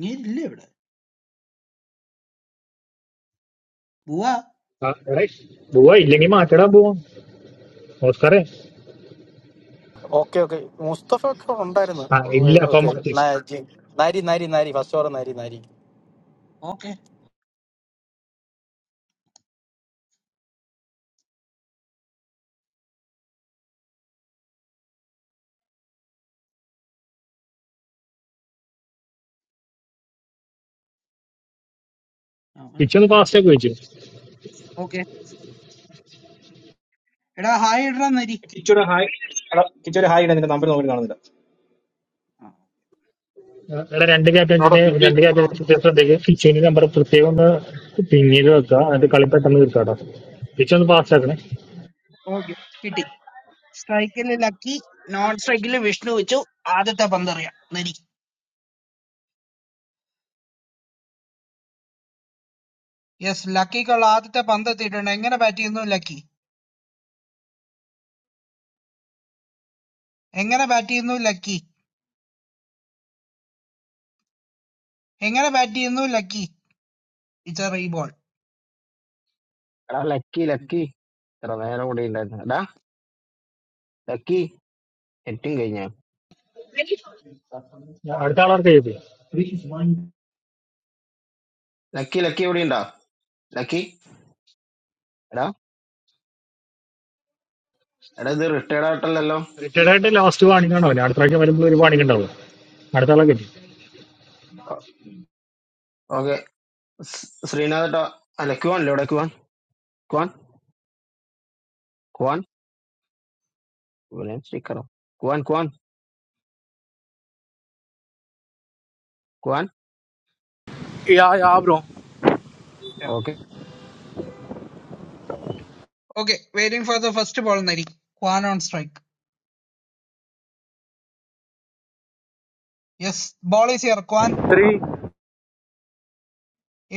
S9: നീ ഇല്ലേ ഇവിടെ? ബുവാ?
S7: ആ, എടേ, പോവാ ഇല്ലെങ്കിൽ മാറ്റടാ പോവാ ഓസ്കാറേ
S12: ഓക്കെ ഓക്കെ മുസ്തഫ ഒക്കെ ഉണ്ടായിരുന്നു
S7: ആ ഇല്ല അപ്പൊ
S12: ഓക്കെ
S7: മാറ്റി
S12: നാരി നാരി നാരി ഫസ്റ്റ് ഓവർ നാരി നാരി
S9: okay. അവനെ
S7: ഫിച്ച് ഒന്ന് ഫാസ്റ്റ് ഒക്കെ
S9: വിളിക്കണം.
S7: വെച്ചു
S9: okay. എടാ ഹായ് ഇടടാ നരി.
S14: Kichu re high, kichu re high na, ninte namper noke di ganade.
S9: ആ,
S7: ഇവിടെ രണ്ട്
S10: അവിടെ
S7: ക്യാപ്റ്റൻസിന്റെ
S10: പിഞ്ച്
S7: രണ്ട്
S10: ചെയ്തിട്ടുണ്ടല്ലോ
S7: ക്യാപ്റ്റൻസിന്റെ ഫിച്ചുവിന്റെ നമ്പർ പ്രത്യേകം ഒന്ന് പിന്നീട് വെക്കുക എന്നിട്ട് കളി പെട്ടെന്ന് തീർക്കാട്ടോ ഫിച്ച് ഒന്ന് ഫാസ്റ്റ് ആക്കണേ
S9: okay. കിട്ടി. strikeൽ ലക്കി. non-strikeൽ വിഷ്ണു വെച്ചു. ആദ്യത്തെ പന്തെറിയാം. നരി. yes ലക്കിക്കുള്ള ആദ്യത്തെ പന്ത് എത്തിയിട്ടുണ്ട്. എങ്ങനെ ബാറ്റ് ചെയ്യുന്നു ലക്കി? എങ്ങനെ ബാറ്റ് ചെയ്യുന്നു ലക്കി? എങ്ങനെ ബാറ്റ് ചെയ്യുന്നു ലക്കി? it's a reball.
S5: എടാ ലക്കി ലക്കി എത്ര നേരം കൂടെ ഉണ്ടായിരുന്നു എടാ ലക്കി എറ്റും കഴിഞ്ഞ
S7: അടുത്ത ആളാർക്ക് ചെയ്തു
S5: ലക്കി ലക്കി എവിടെ ഉണ്ടാ ലക്കി എടാ എടാ ഇത് റിട്ടയർഡ് ആയിട്ടല്ലല്ലോ
S7: റിട്ടയർഡ് ആയിട്ട് ലാസ്റ്റ് വാണിംഗ് ആണോ അടുത്ത പ്രാവശ്യം വരുമ്പോൾ ഒരു വാണിംഗ് ഉണ്ടാവും അടുത്ത ആളെ കിട്ടി
S5: ഓക്കെ ശ്രീനാഥ് ട്ടോ അല്ല ക്വാൻ അല്ലേ ഇവിടെ ക്വാൻ ക്വാൻ ക്വാൻ ഇവനെ സ്റ്റിക്കറോ ക്വാൻ ക്വാൻ ക്വാൻ
S15: Yeah, yeah, bro.
S9: Okay, waiting for the first ball, Nari. Kwan on strike. Yes, ball is here, Kwan.
S15: Three.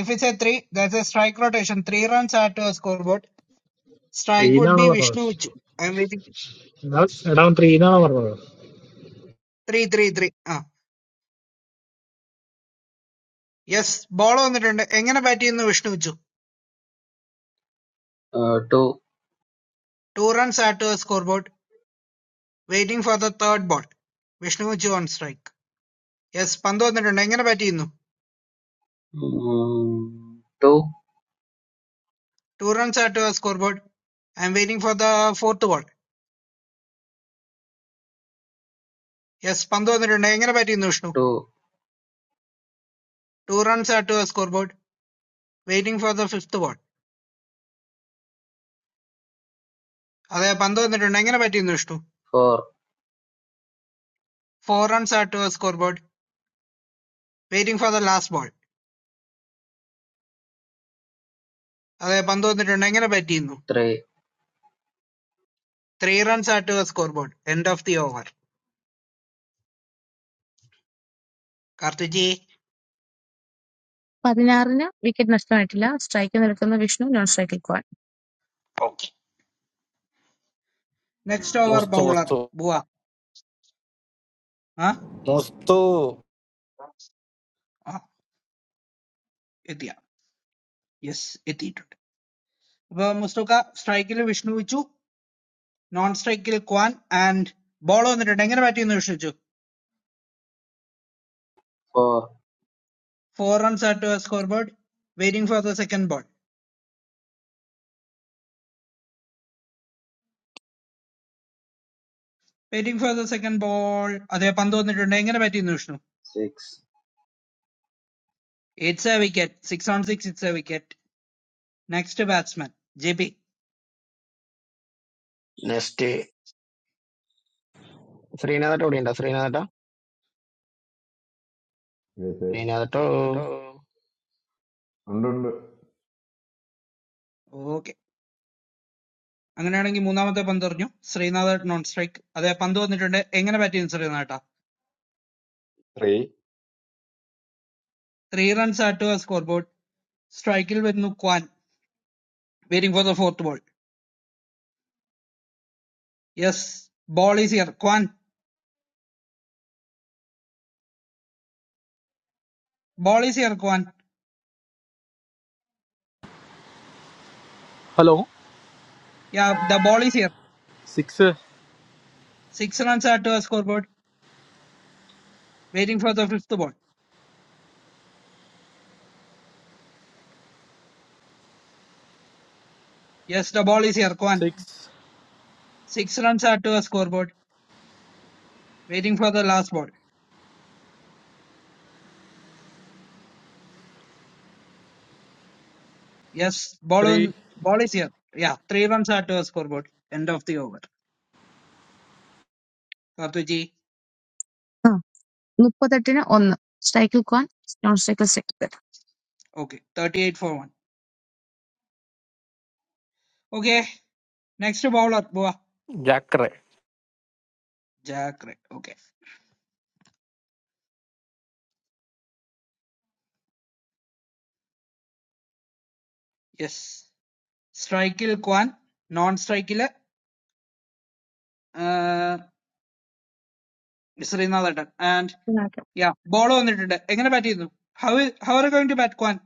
S9: If it's a three, that's a strike rotation. Three runs are to a scoreboard.
S7: Three
S9: Strike would
S7: എന്നാണോ
S9: be Vishnu
S7: പറഞ്ഞത്
S9: Vichu. I'm waiting.
S7: എടാ എടാ three എന്നാണോ പറഞ്ഞത്
S9: Three, three, three. Ah, yes. Ball on the end. എങ്ങനെ bat ചെയ്യുന്നു Vishnu Vichu?
S6: Two
S9: Two runs are to a scoreboard. Waiting for the third ball. Vishnu Vichu on strike. Yes, പന്ത് വന്നിട്ടുണ്ട്. എങ്ങനെ bat ചെയ്യുന്നു?
S6: Two
S9: Two runs are to a scoreboard. I'm waiting for the fourth ball. Yes, പന്ത് വന്നിട്ടുണ്ട്. എങ്ങനെ bat ചെയ്യുന്നു Vishnu?
S6: Two
S9: Two runs are to a scoreboard. Waiting for the fifth ball. अदै पंद्रों ने डंगे न बैठी नहीं रहते।
S6: Four
S9: Four runs added to the scoreboard. Waiting for the last ball. अदै पंद्रों ने डंगे न बैठी नहीं रहते।
S6: Three
S9: Three runs added to the scoreboard. End of the over. Kartikey,
S8: പതിനാറിന് വിക്കറ്റ് നഷ്ടമായിട്ടില്ല. സ്ട്രൈക്കിൽ നിൽക്കുന്ന വിഷ്ണു, നോൺ സ്ട്രൈക്കിൽ ക്വാൻ.
S9: okay. Next over,
S12: Mustu
S9: bowler,
S12: Mustu
S9: bowa, हाँ?
S12: മുസ്തു
S9: आ, इतिहास. Yes, इतिहास. वह मुस्तका strike के लिए विष्णु बिचु, non-strike के लिए कुआन and ball अंदर डंगे न बैठी नहीं रहते।
S6: Four
S9: Four runs added to the scoreboard. Waiting for the second ball. Waiting for the second ball. अदै पंद्रों ने डंगे न ब
S6: six
S9: Eight-seam wicket, six on six, eight-seam wicket. Next batsman, JP.
S5: Next ശ്രീനാഥട്ട ഇവിടെ ഉണ്ടോ ശ്രീനാഥട്ട
S16: This.
S5: ശ്രീനാഥട്ടോ
S16: This. This.
S9: Okay. Anganarangi, third over, 15 runs. Another non-strike. Adhyapandu, what is he doing? How is he batting in Sri Lanka?
S16: Three.
S9: Three runs added to the scoreboard. Striker is Kwan. Waiting for the fourth ball. Yes, ball is here, Kwan. Ball is here, Kwan.
S15: Hello.
S9: Yeah, the ball is here.
S15: Six.
S9: Six runs added to the scoreboard. Waiting for the fifth ball. Yes, the ball is here, Kwan.
S15: Six.
S9: Six runs added to the scoreboard. Waiting for the last ball. Yes, ball
S15: Three.
S9: on, ball is here. Yeah, three runs are to a scoreboard. End of the over. Kartuji,
S8: ആ, മുപ്പത്തെട്ടിന് ഒന്ന്, സ്ട്രൈക്കിൽ ക്വാൻ, non സ്ട്രൈക്കിൽ സെക്ടർ.
S9: okay, 38 for 1. Okay, next bowler, Boa.
S12: കറെ
S9: Jack, right, okay. Yes. Strike il Kwan, non strike il uh, Srinathan. And yeah, ball on it. എങ്ങനെ bat ചെയ്യുന്നു? How is how are you going to bat Kwan?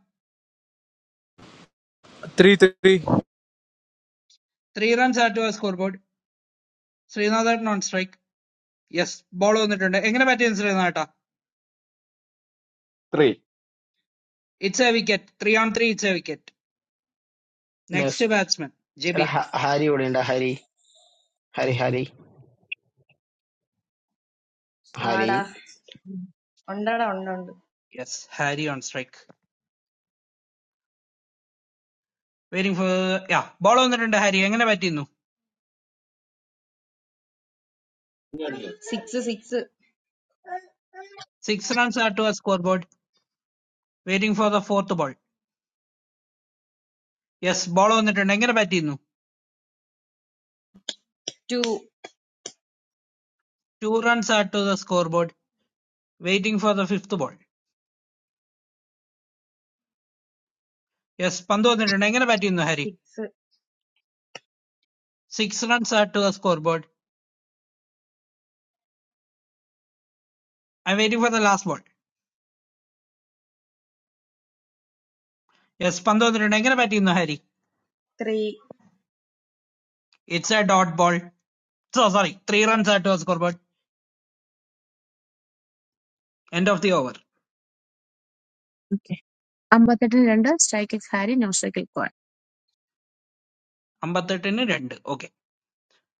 S15: Three. Three.
S9: Three runs are to a scoreboard. Srinathan non strike. Yes, ball on it. എങ്ങനെ bat ചെയ്യുന്നു Srinathan?
S16: Three.
S9: It's a wicket. Three on three, it's a wicket. Next
S5: next
S9: batsman, JB.
S5: എടാ ഹ- Harry ഇവിടെ ഉണ്ടോ ഹരി ഹരി ഹരി ഹരി
S17: आड़ा, अँडर आड़े,
S9: Yes, Harry on strike. Waiting for, yeah, ball number two. Harry, how many bats in you?
S17: six, six,
S9: Six runs added to the scoreboard. Waiting for the fourth ball. Yes, ball number nine. How many bats in you?
S17: two,
S9: Two runs added to the scoreboard. Waiting for the fifth ball. Yes, ball number ten. How many bats in you, Harry?
S17: six,
S9: Six runs added to the scoreboard. I'm waiting for the last ball. Yes, ball number ten. How many bats in you, Harry?
S17: three.
S9: It's a dot ball. So sorry. Three runs added to the scoreboard. End of the over.
S8: Okay. അമ്പത്തെട്ടിന് രണ്ട്, സ്ട്രൈക്കിൽ Harry, non സ്ട്രൈക്കിൽ ക്വാൻ.
S9: Ambatta ten and two. Okay.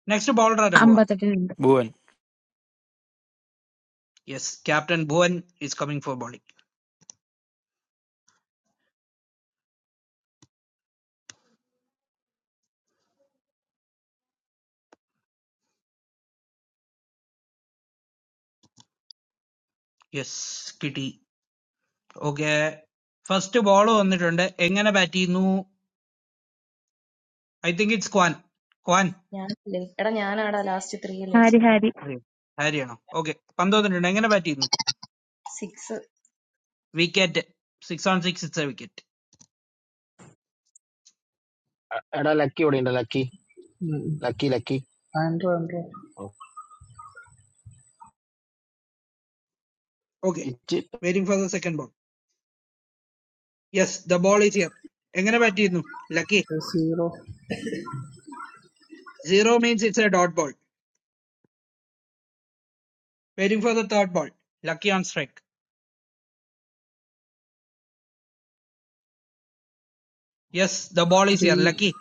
S9: Next ball, Rajabua.
S8: അമ്പത്തെട്ടിന് രണ്ട്.
S12: Bhuvan
S9: Yes, Captain Bhawan is coming for bowling. Yes, Kitty. Okay. First ball. What is it? How to bat it? I think it's Quan. Quan.
S17: याने, अरण याने आड़ा last चूत्री के लिए
S8: Harry
S17: चाहे,
S8: Harry
S9: Right. Harry. ആണോ? Okay. Five. What is it?
S17: six.
S9: We get six on six. It's a wicket.
S5: എടാ Lucky ഇവിടെ ഉണ്ടോ Lucky
S18: Mm.
S5: Lucky Lucky
S18: Android, Android,
S9: Okay.
S5: ഇച്ച്
S9: Waiting for the second ball. Yes, the ball is here. How to bat it? Lucky
S18: S zero
S9: zero means it's a dot ball. Waiting for the third ball. Lucky on strike. Yes, the ball is here.
S18: three.
S9: Lucky.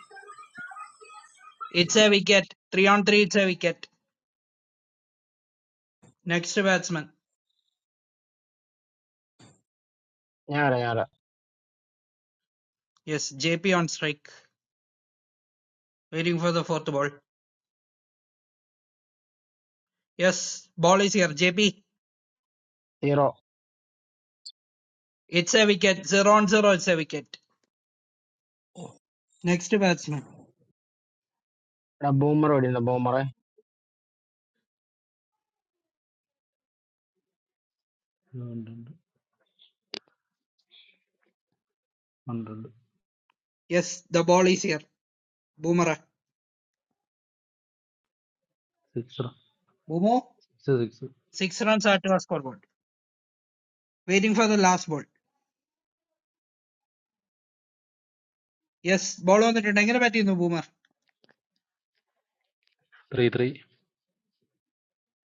S9: It's a wicket. Three on three. It's a wicket. Next batsman.
S5: ഞാറാ ഞാറാ
S9: Yes, JP on strike. Waiting for the fourth ball. Yes, ball is here. JP,
S5: zero
S9: it's a wicket. Zero on zero, it's a wicket. Next batsman.
S5: എടാ Boomer ഇവിടെ ഉണ്ടോ ബൂമറെ
S9: Yes, the ball is here. Boomerang. Boomo, six runs are to our scoreboard. Waiting for the last ball. Yes, ball on the Tendanga bat in the boomer.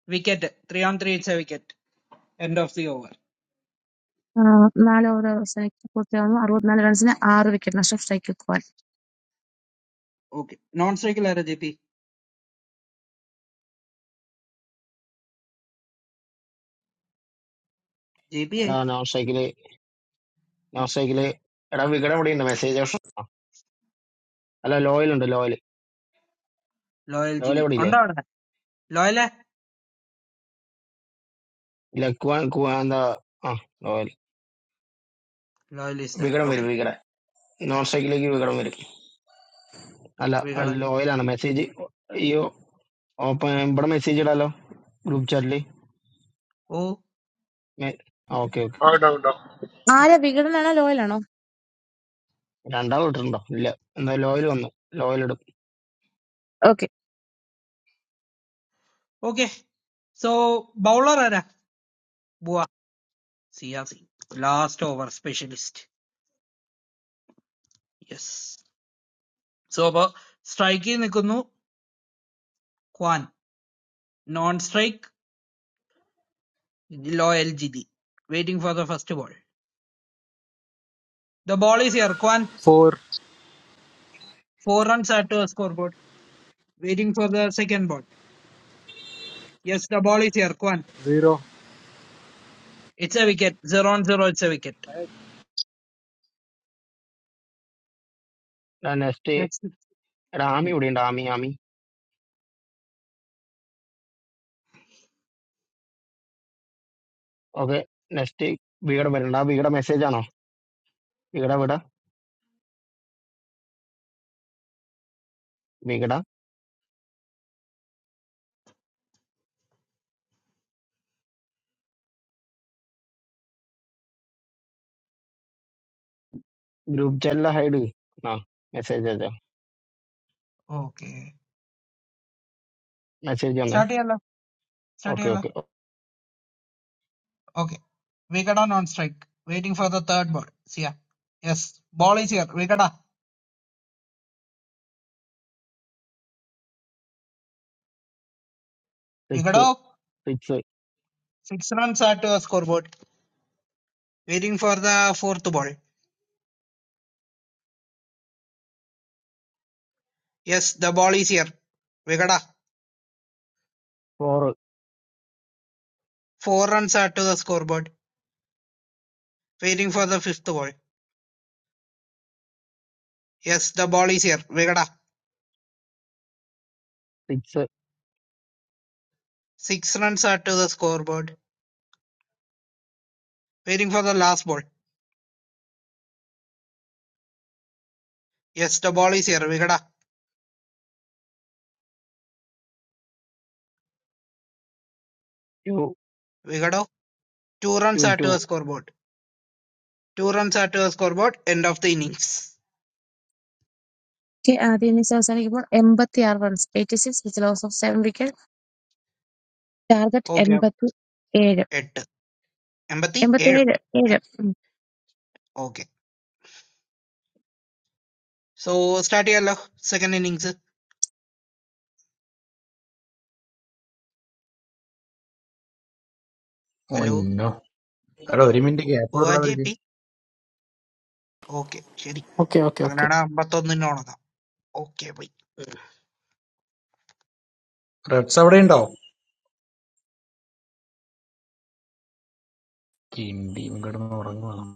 S9: Wicket. Three on three, it's a wicket. End of the over.
S8: ആ, നാല് over അവസാനിച്ച് പൂർത്തിയാവുന്നു. അറുപത്തിനാല് റൺസിന് ആറ് wicket നഷ്ടം, സ്ട്രൈക്കിൽ ക്വാൻ.
S9: Okay. Non strike JP. JP,
S5: എടാ
S9: eh?
S5: No cycle no
S9: Oh.
S5: Cycle എടാ വികടം ഇവിടെ ഉണ്ടോ മെസ്സേജ് ഓപ്ഷൻ അല്ല ലോയൽ ഉണ്ട് ലോയൽ
S9: Loyal
S5: ലോയൽ
S9: GD.
S5: ഇവിടെ ഇല്ലേ
S9: Onda Loyal? eh?
S5: ലക്കുവാൻ കുവാൻ എന്താ ആ ലോയൽ
S9: Loyal is there.
S5: വികടം വരും
S9: Okay.
S5: വികടം നോൺ സൈക്കിളിലേക്ക് വികടം വരും അല്ല
S9: We got a
S5: ലോയലാണ് മെസ്സേജ് ഈ ഓപ്പൺ ഇവിടെ മെസ്സേജ് ഇടാലോ ഗ്രൂപ്പ് ചാറ്റിൽ
S9: Oh,
S5: ഞാൻ- ആ ഓക്കെ ഓക്കെ
S10: ആ ഇടാ ഇടാ
S8: ആരെ വികടനാണോ ലോയലാണോ?
S5: രണ്ടാൾ ഇട്ടിട്ടുണ്ടോ ഇല്ല എന്നാ ലോയിൽ വന്നു ലോയിൽ ഇടും
S8: okay.
S9: okay. So, bowler, Bua. CRC. Last over specialist. Yes. So now striking is with Kwan. Non-strike, loyal GT. Waiting for the first ball. The ball is here, Kwan.
S15: Four.
S9: Four runs at the scoreboard. Waiting for the second ball. Yes, the ball is here, Kwan.
S15: Zero.
S9: It's a wicket. Zero on zero, it's a wicket.
S5: Next
S9: Next.
S5: എടാ ആമി ഇവിടെ ഉണ്ട് Ami Ami okay next വികട വരണ്ട വികട message ആണോ വികട വിട വികട ഗ്രൂപ്പ് ചെല്ല ഹൈഡ് ആ മെസ്സേജ് അയച്ചോ
S9: Okay.
S5: മെസ്സേജ് വന്നേ
S9: Startyala.
S5: Okay
S9: Startyala.
S5: Okay
S9: Okay. We got a non-strike. Waiting for the third ball. See ya. Yes. Ball is here. We got a. We got
S5: six
S9: a.
S5: Six
S9: Six runs at the scoreboard. Waiting for the fourth ball. Yes, the ball is here. Vegada.
S5: Four
S9: Four runs are to the scoreboard. Waiting for the fifth ball. Yes, the ball is here. Vegada.
S5: Six
S9: Six runs are to the scoreboard. Waiting for the last ball. Yes, the ball is here. Vegada.
S5: Two
S9: Vegado. Two
S5: two
S9: runs are
S5: two
S9: to the scoreboard. Two runs are to the scoreboard. End of the innings.
S8: ആദ്യ innings അവസാനിക്കുമ്പോൾ എൺപത്തി ആറ് runs eighty six with loss of seven wicket target
S9: Okay.
S8: എൺപത്തി ഏഴ്
S9: Eight. Empathy.
S8: എൺപത്തി
S9: Eight.
S8: ഏഴ് ഏഴ്
S9: Okay. So start ചെയ്യാലോ second innings. Hello.
S1: ഒന്നോ എടാ ഒരു മിനിറ്റ് ഗ്യാപ്പ്
S9: Bhuva
S1: കൊടുക്കണം അവർക്ക്
S9: JP. Okay. ശരി.
S12: ഓക്കെ ഓക്കെ ഓക്കെ
S9: അങ്ങനെയാണ് അമ്പത്തൊന്നിനോടൊന്നാം. Okay, boy. bye.
S1: റെഡ്സ് അവിടെ ഉണ്ടോ കിണ്ടി കിടന്ന് ഉറങ്ങുവാണ്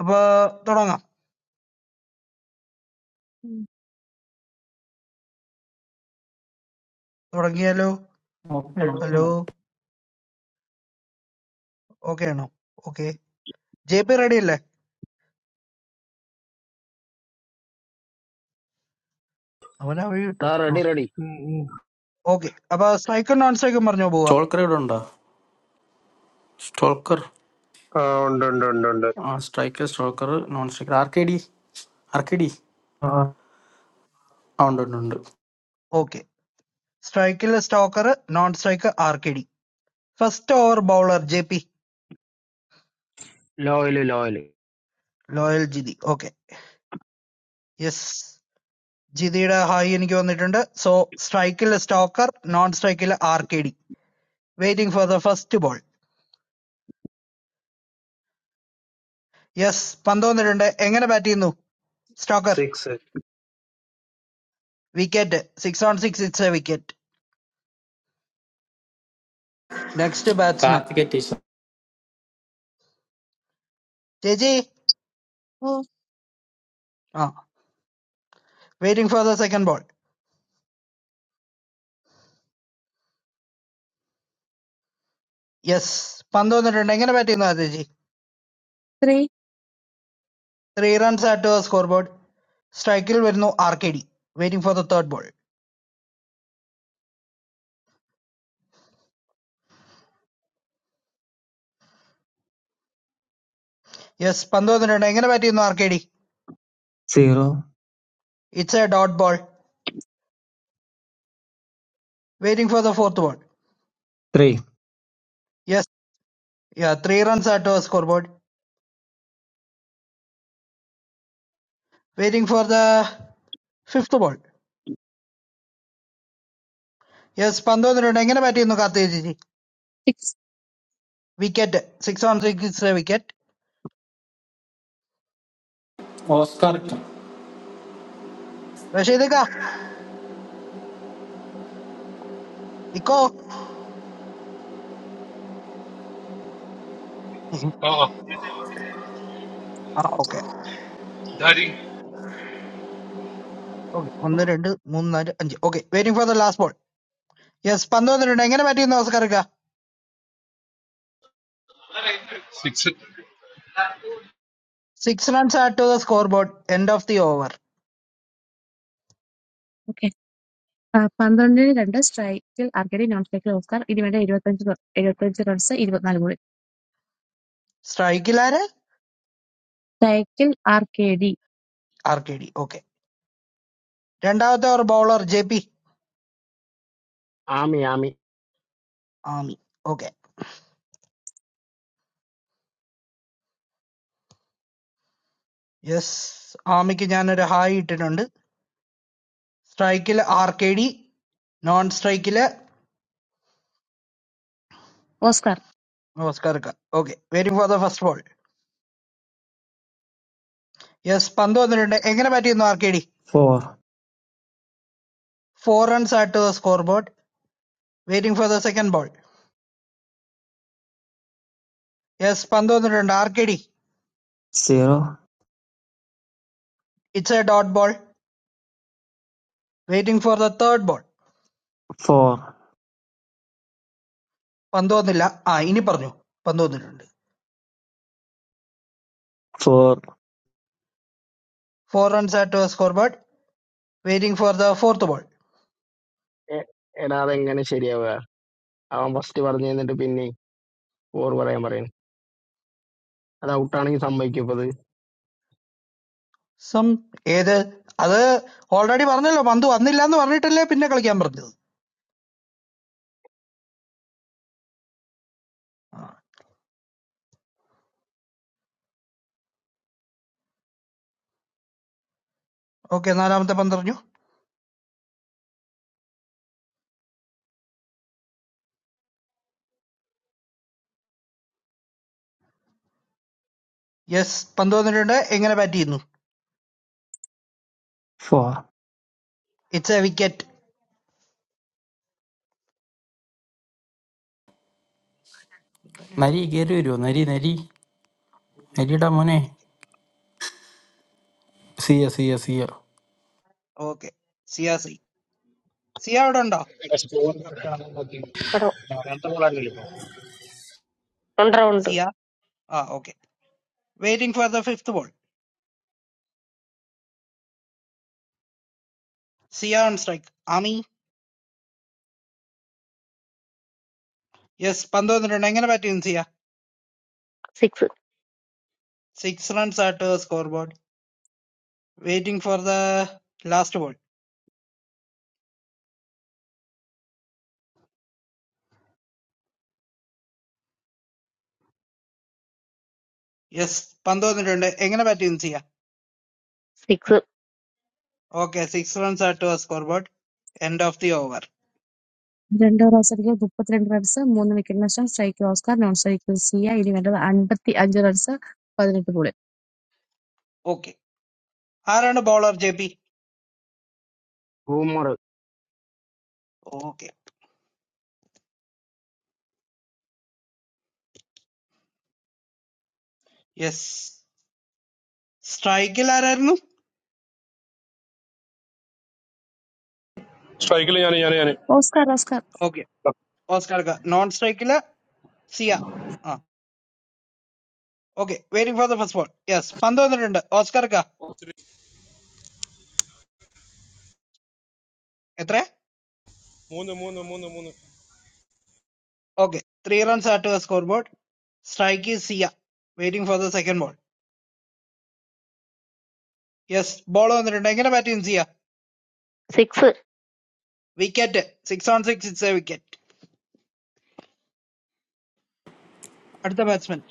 S9: അപ്പൊ തുടങ്ങാം. hello. Hello. Okay, no. Okay. JP ready, le? I am ready
S5: ഡാ
S9: to.
S5: Ready ready
S18: Mm.
S9: Okay. Aba striker non-striker marjyo boga.
S12: സ്റ്റോൾക്കർ ഇവിടെ ഉണ്ടോ സ്റ്റോൾക്കർ
S19: Around, around, around, around.
S12: ആ സ്ട്രൈക്കർ സ്റ്റോൾക്കർ non striker R K D R K D ആ ഉണ്ട് ഉണ്ട് ഉണ്ട്
S9: Okay. Striker is stalker. Non-striker R.K.D. First over bowler J.P.
S5: ലോയിൽ ലോയിൽ
S9: Loyal J.D. Okay. Yes. J.D. ra high enge onethanda so striker stalker non-striker R.K.D. Waiting for the first ball. Yes. Pando onethanda. Enga batiendo? Stalker.
S19: Six.
S9: Wicket. Six on six. It's a wicket. Next batsman.
S12: Karthika teacher
S9: J.J.
S8: Four
S9: Ah. Waiting for the second ball. Yes, 15 runs. How many batsmen are there?
S8: Three
S9: Three runs are to the scoreboard. Strike will be no R.K.D. Waiting for the third ball. Yes, 15 runs. How many batsmen are R.K.D.
S20: zero
S9: It's a dot ball. Waiting for the fourth ball.
S20: three
S9: Yes, yeah. Three runs are to the scoreboard. Waiting for the fifth ball. Yes, 15 runs. How many batsmen are there?
S8: Six
S9: We get six runs. We get.
S12: Oscar
S9: Was it? It is. a wicket. Rashidika. Iko. Mhm.
S10: ആ
S9: Ah, Okay. Okay. On the end, moon. Okay. Waiting for the last ball. Yes, 15 runs. How many batsmen are Oscar?
S10: Six
S9: Six runs added to the scoreboard. End of the over.
S8: ആ, പന്ത്രണ്ടിന് രണ്ട് സ്ട്രൈക്കിൽ ആർസിഡി, non സ്ട്രൈക്കിൽ Oscar. ഇതിനിടെ എഴുപത്തിയഞ്ച് റ- എഴുപത്തിയഞ്ച് runs ഇരുപത്തിനാല് ബോളിൽ.
S9: Strike killer
S8: സ്ട്രൈക്കിൽ RCD,
S9: R.K.D. Okay. Gentleman or bowler J.P.
S5: Ami Ami
S9: Ami. Okay. Yes. Ami ki jana re hai ten under. Strike killer R.K.D. Non-strike killer.
S8: Oscar.
S9: Oscarika. Okay. Waiting for the first ball. Yes. Five under. Under. Again a batter is R.K.D.
S20: four
S9: Four runs added to the scoreboard. Waiting for the second ball. Yes. Five under. Under. R.K.D.
S20: zero
S9: It's a dot ball. Waiting for the third ball.
S20: four
S9: Five under. Under. Ah. Iniparjo. Five under. Under.
S20: four
S9: Four runs added to the scoreboard. Waiting for the fourth ball.
S5: എ- എടാ അതെങ്ങനെ ശരിയാവുക അവൻ first പറഞ്ഞു തന്നിട്ട് പിന്നെ four പറയാൻ പറയുന്നു അത് ഔട്ടാണെങ്കിൽ സംഭവിക്കപ്പത്
S9: Some either other already born. No, but that is not. No, born in the middle. Pinna kallaki amriddhu. Okay, na naamta panderu. Yes, panderu thirundha. Egnana batti idhu.
S20: four
S9: It's a wicket.
S12: നരി കയറി വരുമോ നരി നരി നരിയുടെ മോനെ സിയ സിയ സിയ
S9: Okay. C R C. C R donda.
S7: എടാ, score correct ആണോ എന്ന് നോക്കി.
S21: But
S7: നാലാമത്തെ ball ആയിരുന്നില്ലേ ഇപ്പൊ?
S21: on round
S9: C R. Ah, okay. Waiting for the fifth ball. C R on strike. Ami. Yes, panderu thirundha. Egnana batti in C R.
S21: six,
S9: Six runs after scoreboard. Waiting for the last ball. Yes, panderu thirundha. Egnana batti in C R.
S21: six,
S9: Okay, six runs added to the scoreboard. End of the over.
S8: രണ്ട് ഓവറിൽ മുപ്പത്തിരണ്ട് runs മൂന്ന് wicket നഷ്ടം. സ്ട്രൈക്കിൽ Oscar, non സ്ട്രൈക്കിൽ സിയ. ഇതിനിടെ അൻപത്തിയഞ്ച് runs പതിനെട്ട് ബോളിൽ.
S9: Okay. Another ball of JP.
S5: ഹൂമർ
S9: Okay. Yes. Strikeila aranu?
S10: Strike! Strike!
S8: Oscar Oscar
S9: Okay. Oscar ka non strikeila Sia. Ah. Okay. Waiting for the first ball. Yes. Five runs
S10: Strike! Strike!
S9: added to the scoreboard. Strike is Sia. Waiting for the second ball. Yes. Ball one aranu. Kena batsman Sia.
S21: six.
S9: Wicket. Six on six is a wicket. Arda batsman.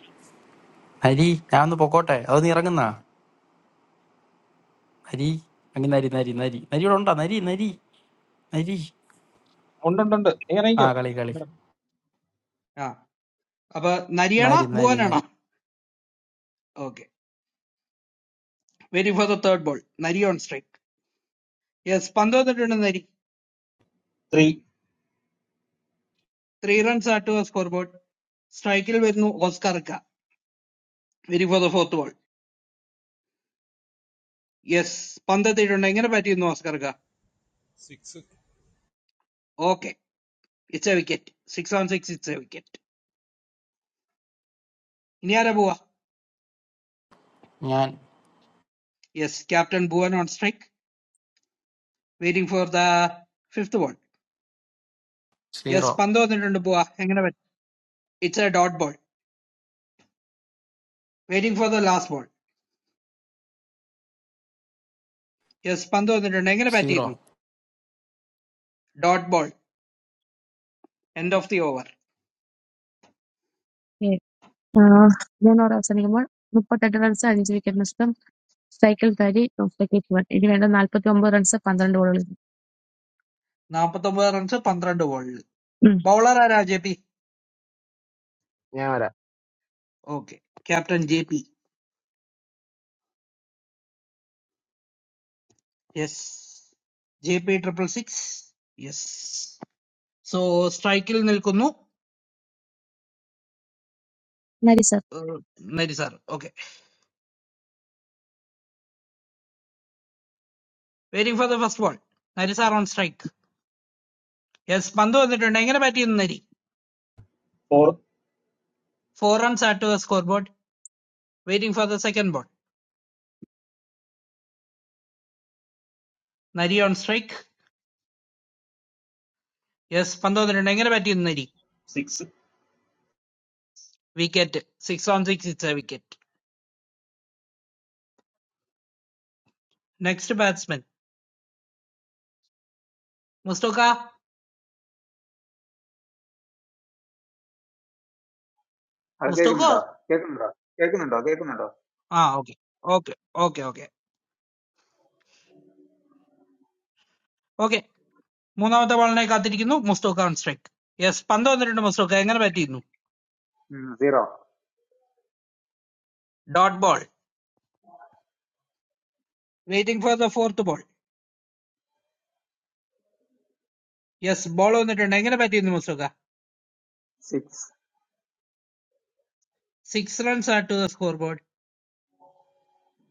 S12: നരി ഞാൻ ഒന്ന് പൊക്കോട്ടെ അതൊന്ന് ഇറങ്ങുന്നാ നരി അങ്ങ് നരി നരി നരി നരി ഇവിടെ ഉണ്ടാ നരി നരി നരി
S14: One,
S12: ആ
S14: two,
S12: കളി കളി
S9: Ah. Aba Nariya na?
S12: നരി
S9: Bua
S12: നരി
S9: Nariya.
S12: നരി
S9: Okay. Waiting for the third ball. Nariya on strike. Yes, 15 runners.
S14: three,
S9: Three runs after a scoreboard. Strike will be no Oscaraga. Waiting for the fourth ball. Yes, 15 runners. How can I bat it no Oscaraga? Okay, it's a wicket. Six on six, it's a wicket. Who is bowing?
S12: ഞാൻ
S9: Yes, captain bowing on strike. Waiting for the fifth ball. Yes,
S12: zero
S9: 15 runners. How can I bat it no? Dot ball. Waiting for the last ball. Yes, 15 runners. How can I bat it
S12: zero
S9: no? Dot ball. End of the over.
S8: ഏ, ആ, മൂന്ന് over അവസാനിക്കുമ്പോൾ മുപ്പത്തെട്ട് runs അഞ്ച് wicket നഷ്ടം. സ്ട്രൈക്കിൽ തരി, non സ്ട്രൈക്കിൽ ധവൻ. ഇതിനിടെ നാൽപ്പത്തി ഒമ്പത് റൺസ് പന്ത്രണ്ട് ബോളുകളിൽ.
S9: 9th over runs to 15 runs.
S8: ഉം.
S9: Bowler is Ajay P.
S5: ഞാൻ വരാം
S9: Okay, captain JP. Yes, JP triple six. Yes. So strike will nilko nu?
S8: Nari sir
S9: Nari sir. Okay. Waiting for the first ball. Nari sir on strike. Yes, 15 runenge na batti nu nari.
S14: four,
S9: Four runs add to the scoreboard. Waiting for the second ball. Nari on strike. Yes, 15 runenge na batti nu nari.
S14: six.
S9: Wicket. Six on six it's a wicket. Next batsman. Mustoka.
S13: How many digits?
S9: Mustoka?
S13: How many digits? How many digits? How many
S9: Ah okay. Okay. Okay. Okay. Okay. One after ball naikathi nilko Mustoka on strike. Yes, 15 runenge na Mustoka engar na batti nilko.
S13: digits? Zero,
S9: Dot ball. Waiting for the fourth ball. Yes, ball on the turn. Where can I bat in this mostoka?
S13: six,
S9: Six runs are to the scoreboard.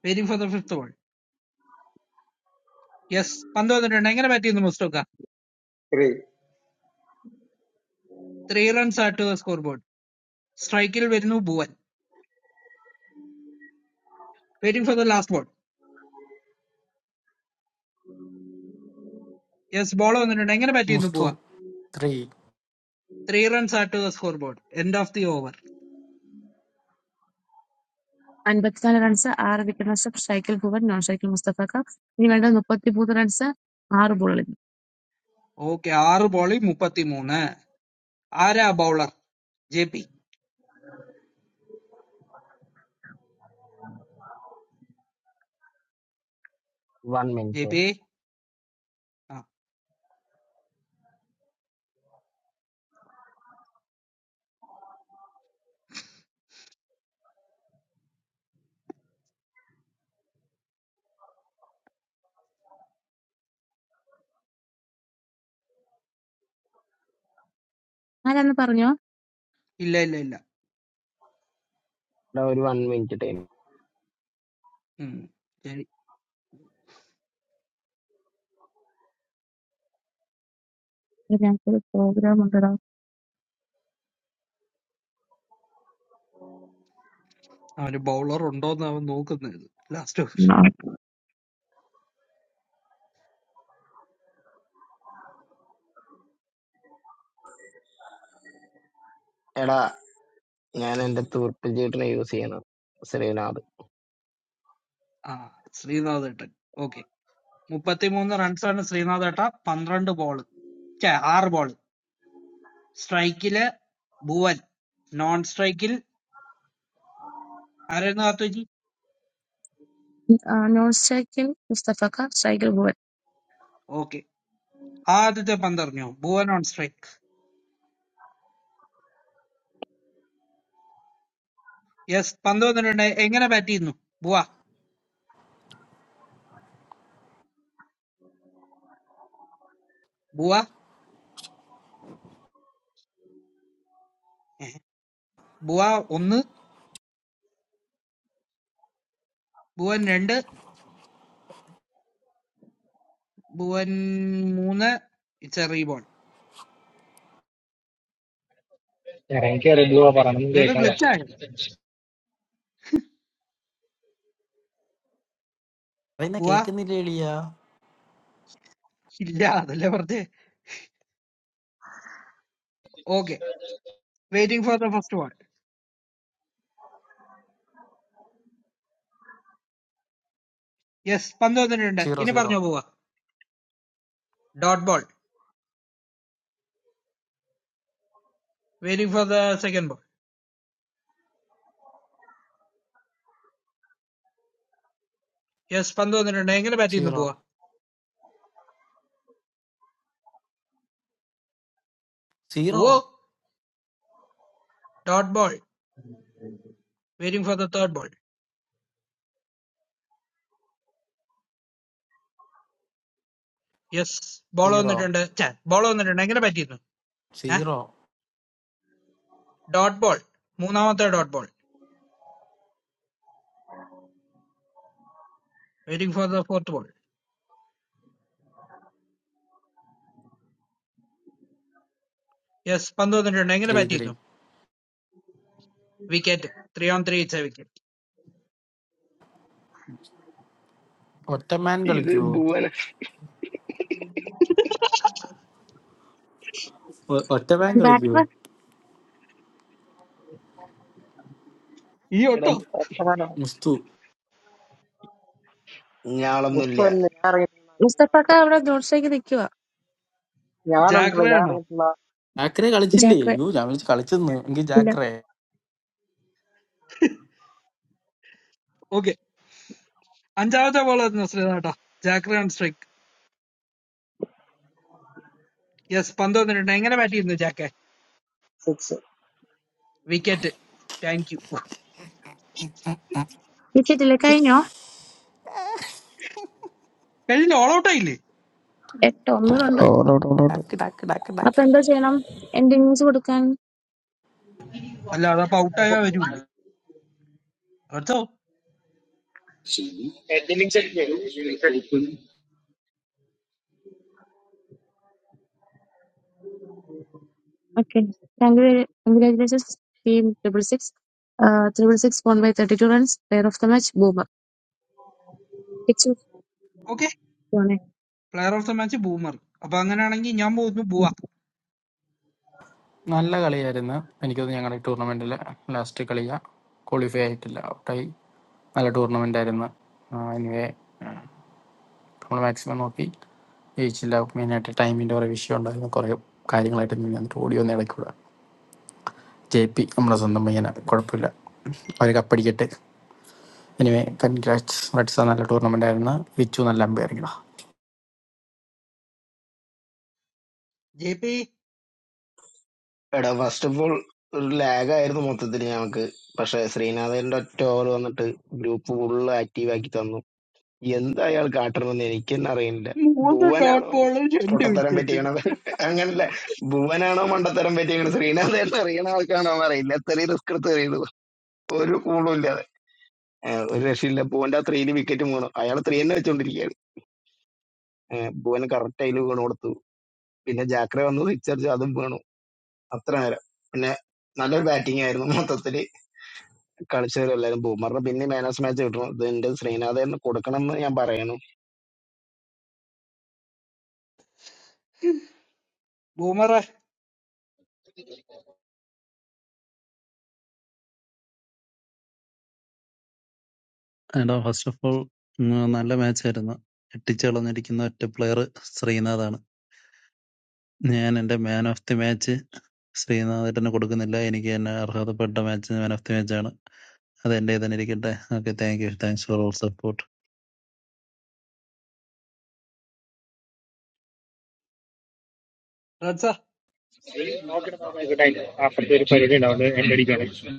S9: Waiting for the fifth ball. Yes, five on the turn. Where can I bat in this mostoka?
S13: three.
S9: Three runs are to the scoreboard. Strike will be new bow. Waiting for the last ball. Yes, ball on the turn. Where can I bat in this
S12: Mustu
S9: bow?
S12: Three
S9: Three runs are to the scoreboard. End of the over.
S8: അൻപത്തിനാല് runs ആറ് wicket നഷ്ടം സ്ട്രൈക്കിൽ Bhuvan non സ്ട്രൈക്കിൽ മുസ്തഫക്ക ഇനി വേണ്ട മുപ്പത്തിമൂന്ന് runs ആറ് ബോളിൽ
S9: Okay, R ballie, Mupati Moon. Are a bowler, JP.
S5: One minute
S9: JP. Ah,
S8: ആരാന്ന് പറഞ്ഞോ
S9: illa illa illa.
S5: എടാ ഒരു one minute time
S9: Hmm. Okay.
S8: എടാ, ഞങ്ങൾക്കൊരു പ്രോഗ്രാം ഉണ്ടടാ
S9: I have a bowler. Two of them know. Last over.
S5: എടാ ഞാൻ എന്റെ തൂർപ്പ് ചേട്ടനെ യൂസ് ചെയ്യണം Sreenath
S9: Ah, three numbers. Okay. Mo pati mo under 12 na three numbers tapa 15 ball. Cya, R ball. Strike kile, bowel. Non strike kile, arrenato ji.
S8: Non സ്ട്രൈക്കിൽ മുസ്തഫക്ക സ്ട്രൈക്കിൽ Bhuvan
S9: Okay. Aadhije 15 niyo. Bowel non strike. Yes, 15 niyo na egin na batid nu. Bowa, bowa, bowa onu, bowa nind, bowa moona. It's a rebound.
S7: ഇറങ്ങി കയറി എന്തുവാ പറയണമെന്ന്
S9: Naga
S7: കേൾക്കാം
S9: glitch cya.
S12: പറയുന്ന
S9: Bowa,
S12: കേൾക്കുന്നില്ല എളിയാ
S9: nilya aadhle. Levert de. Okay. Waiting for the first ball. Yes, 15 niyo na
S12: zero
S9: inipar
S12: zero
S9: niyo bowa. Dot ball. Waiting for the second ball. Yes, 15 ने टंडर नहीं करना बैटिंग नहीं
S12: zero
S9: हुआ.
S12: Zero
S9: बूआ. Dot ball. Waiting for the third ball. Yes, ball ने
S12: zero
S9: टंडर. चार. Ball ने टंडर नहीं करना बैटिंग नहीं हुआ. हाँ.
S12: Zero
S9: Dot ball. मूनामता dot ball. Waiting for the fourth ball. Yes, 15 ने टंडर नहीं करना
S12: ത്രീ
S9: बैटिंग
S12: ത്രീ
S9: नहीं हुआ. Wicket. Three on three. चार wicket.
S12: ഒറ്റമാൻ
S5: ഇത്
S12: കളിക്കുവോ
S5: ഭുവൻ
S12: ഒ- ഒറ്റമാൻ കളിക്കുവോ
S8: ബാറ്റർ
S9: यो
S5: എടാ
S9: तो.
S12: മുസ്തു
S5: ഞാളൊന്നുമില്ല
S8: മുസ്തഫക്ക അവിടെ നോൺ സ്ട്രൈക്കിൽ നിൽക്കുക
S11: I must have
S9: Jack रहना.
S11: done
S12: ജാക്കറെ കളിച്ചില്ലേ
S8: ജാക്ക്
S12: യോ ഞാൻ വിളിച്ച് കളിച്ചെന്ന് എങ്കിൽ
S8: ഇല്ല
S12: ജാക്കറെ
S9: Okay. अंजाव जाव बोला था सुरेश नाटा. Jack रहन strike. Yes, 15 ने टंडर
S11: something.
S8: വിക്കറ്റ് ഇല്ല കഴിഞ്ഞോ എട്ടോ ഒന്നുകൂടെ
S12: ഡാക്ക് ഡാക്ക് ഡാക്ക്
S8: അപ്പൊ
S12: ഡാക്ക്
S8: എന്താ ചെയ്യണം എന്റെ ഇന്നിങ്സ് കൊടുക്കാൻ
S9: न
S8: okay congratulations team triple six triple six won by thirty two runs player of the match Boomer six
S9: Okay,
S8: പോണേ
S9: player also means boomer. Abang na nangi, yambo do boak.
S12: നല്ല കളിയായിരുന്നു എനിക്ക് തോന്നുന്നു ഞങ്ങളുടെ ടൂർണമെന്റിലെ ലാസ്റ്റ് കളിയാ ക്വാളിഫൈ ആയിട്ടില്ല ഔട്ടായി നല്ല ടൂർണമെന്റ് ആയിരുന്നു എനിവേ നമ്മൾ മാക്സിമം നോക്കി ജയിച്ചില്ല മെയിനായിട്ട് ടൈമിൻ്റെ കുറേ വിഷയം ഉണ്ടായിരുന്നു കുറേ കാര്യങ്ങളായിട്ട് നീ വന്നിട്ട് ഓടി വന്ന് ഇടയ്ക്കൂടെ ജെ പി നമ്മുടെ സ്വന്തം പയ്യന കുഴപ്പമില്ല അവർ കപ്പടിക്കട്ടെ എനിവേ കൺഗ്രാറ്റ്സ് റെഡ്സ നല്ല ടൂർണമെന്റ് ആയിരുന്നു വിച്ചു നല്ല അമ്പയറിങ്ങടാ
S9: JP,
S5: എടാ ഫസ്റ്റ് ഓഫ് ഓൾ ഒരു ലാഗ് ആയിരുന്നു മൊത്തത്തിൽ ഞങ്ങൾക്ക് പക്ഷെ ശ്രീനാഥന്റെ ഒറ്റ ഓവർ വന്നിട്ട് ഗ്രൂപ്പ് ഫുള്ള് ആക്റ്റീവ് ആക്കി തന്നു എന്താ അയാൾ കാട്ടണമെന്ന് എനിക്ക് തന്നെ അറിയില്ല
S9: mo sa dot
S5: ഭുവനാണോ
S9: baller genda
S5: പൊട്ടത്തരം
S9: wice te
S5: പറ്റിയണത് അങ്ങനല്ല ഭുവനാണോ മണ്ടത്തരം പറ്റിയത് ശ്രീനാഥ് എന്ന് അറിയണ ആൾക്കാണോ എന്ന് അറിയില്ല എത്ര റിസ്ക് എടുത്ത് അറിയണത് ഒരു കൂളും ഇല്ല. ഏഹ് ഒരു രക്ഷയില്ല ഭുവന്റെ ആ ത്രീയില് വിക്കറ്റ് വീണു അയാൾ ത്രീ തന്നെ വെച്ചോണ്ടിരിക്കുകയാണ് ഏഹ് ഭുവൻ കറക്റ്റ് അതിൽ വീണ് കൊടുത്തു പിന്നെ ജാക്രെ വന്നു സിക്സടിച്ചു അതും വീണു അത്ര നേരം പിന്നെ നല്ലൊരു ബാറ്റിംഗ് ആയിരുന്നു മൊത്തത്തില് കളിച്ചവരെല്ലാരും ബൂമറിന് പിന്നെ മാൻ ഓഫ് മാച്ച് കിട്ടണം ഇത് എന്റെ ശ്രീനാഥ് കൊടുക്കണം എന്ന് ഞാൻ പറയണു
S9: boomer ah,
S22: എടാ ഫസ്റ്റ് ഓഫ് ഓൾ നല്ല മാച്ച് ആയിരുന്നു എട്ടിച്ചളഞ്ഞിരിക്കുന്ന ഒറ്റ പ്ലെയർ ശ്രീനാഥാണ് ഞാൻ എന്റെ മാൻ ഓഫ് ദി മാച്ച് ശ്രീനാഥേട്ടന് കൊടുക്കുന്നില്ല എനിക്ക് തന്നെ അർഹതപ്പെട്ട match man of the match ആണ് അത് എന്റെ തന്നെ ഇരിക്കട്ടെ okay thank you thanks for all support
S9: right sa.
S7: നോക്കട്ടെ നോക്കാം. ആയിക്കോട്ടെ, അതിന്റെ അപ്പുറത്തെ ഒരു പരിധി ഉണ്ടാവും എന്റെ അടിക്കാണ്